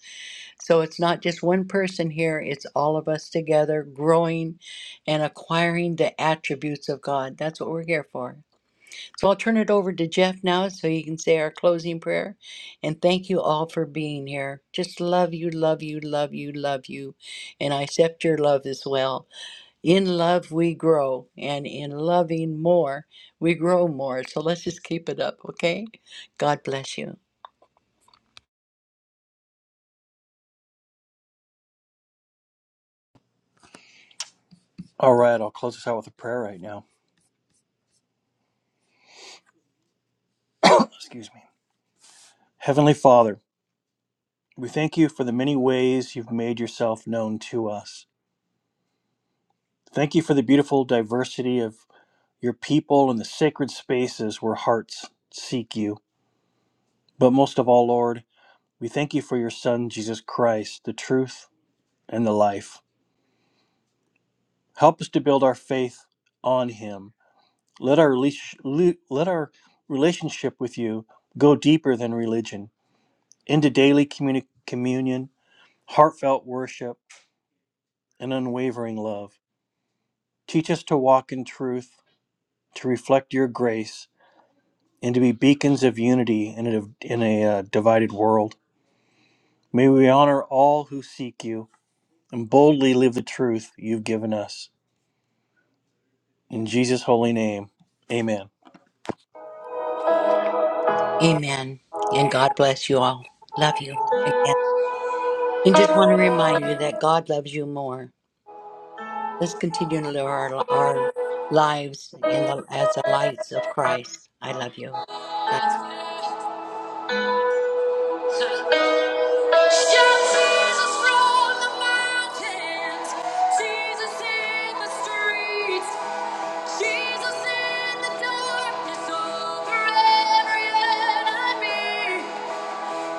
[SPEAKER 2] So it's not just one person here, it's all of us together growing and acquiring the attributes of God. That's what we're here for. So I'll turn it over to Jeff now so he can say our closing prayer. And thank you all for being here. Just love you, love you, love you, love you. And I accept your love as well. In love, we grow. And in loving more, we grow more. So let's just keep it up, okay? God bless you.
[SPEAKER 1] All right, I'll close this out with a prayer right now. Excuse me. Heavenly Father, we thank you for the many ways you've made yourself known to us. Thank you for the beautiful diversity of Your people and the sacred spaces where hearts seek you. But most of all, Lord, we thank you for your Son, Jesus Christ, the truth and the life. Help us to build our faith on him. Let our, relish- le- let our relationship with you go deeper than religion, into daily communi- communion, heartfelt worship, and unwavering love. Teach us to walk in truth, to reflect your grace, and to be beacons of unity in a, in a uh, divided world. May we honor all who seek you and boldly live the truth you've given us. In Jesus' holy name, amen.
[SPEAKER 2] Amen. And God bless you all. Love you again. And just want to remind you that God loves you more. Let's continue to live our, our lives in the as the lights of Christ. I love you.
[SPEAKER 1] Jesus in the darkness over every enemy.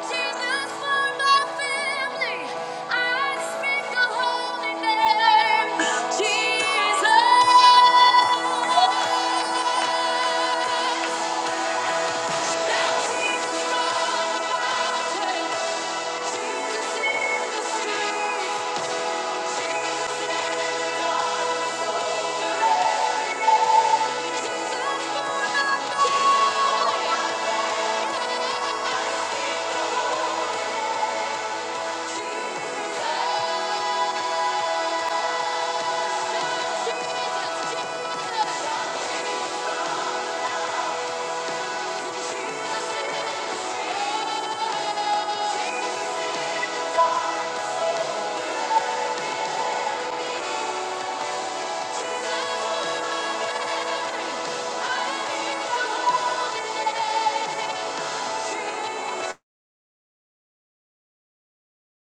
[SPEAKER 1] Jesus for my family, I speak the holy name. Jesus. Jesus. Thank you.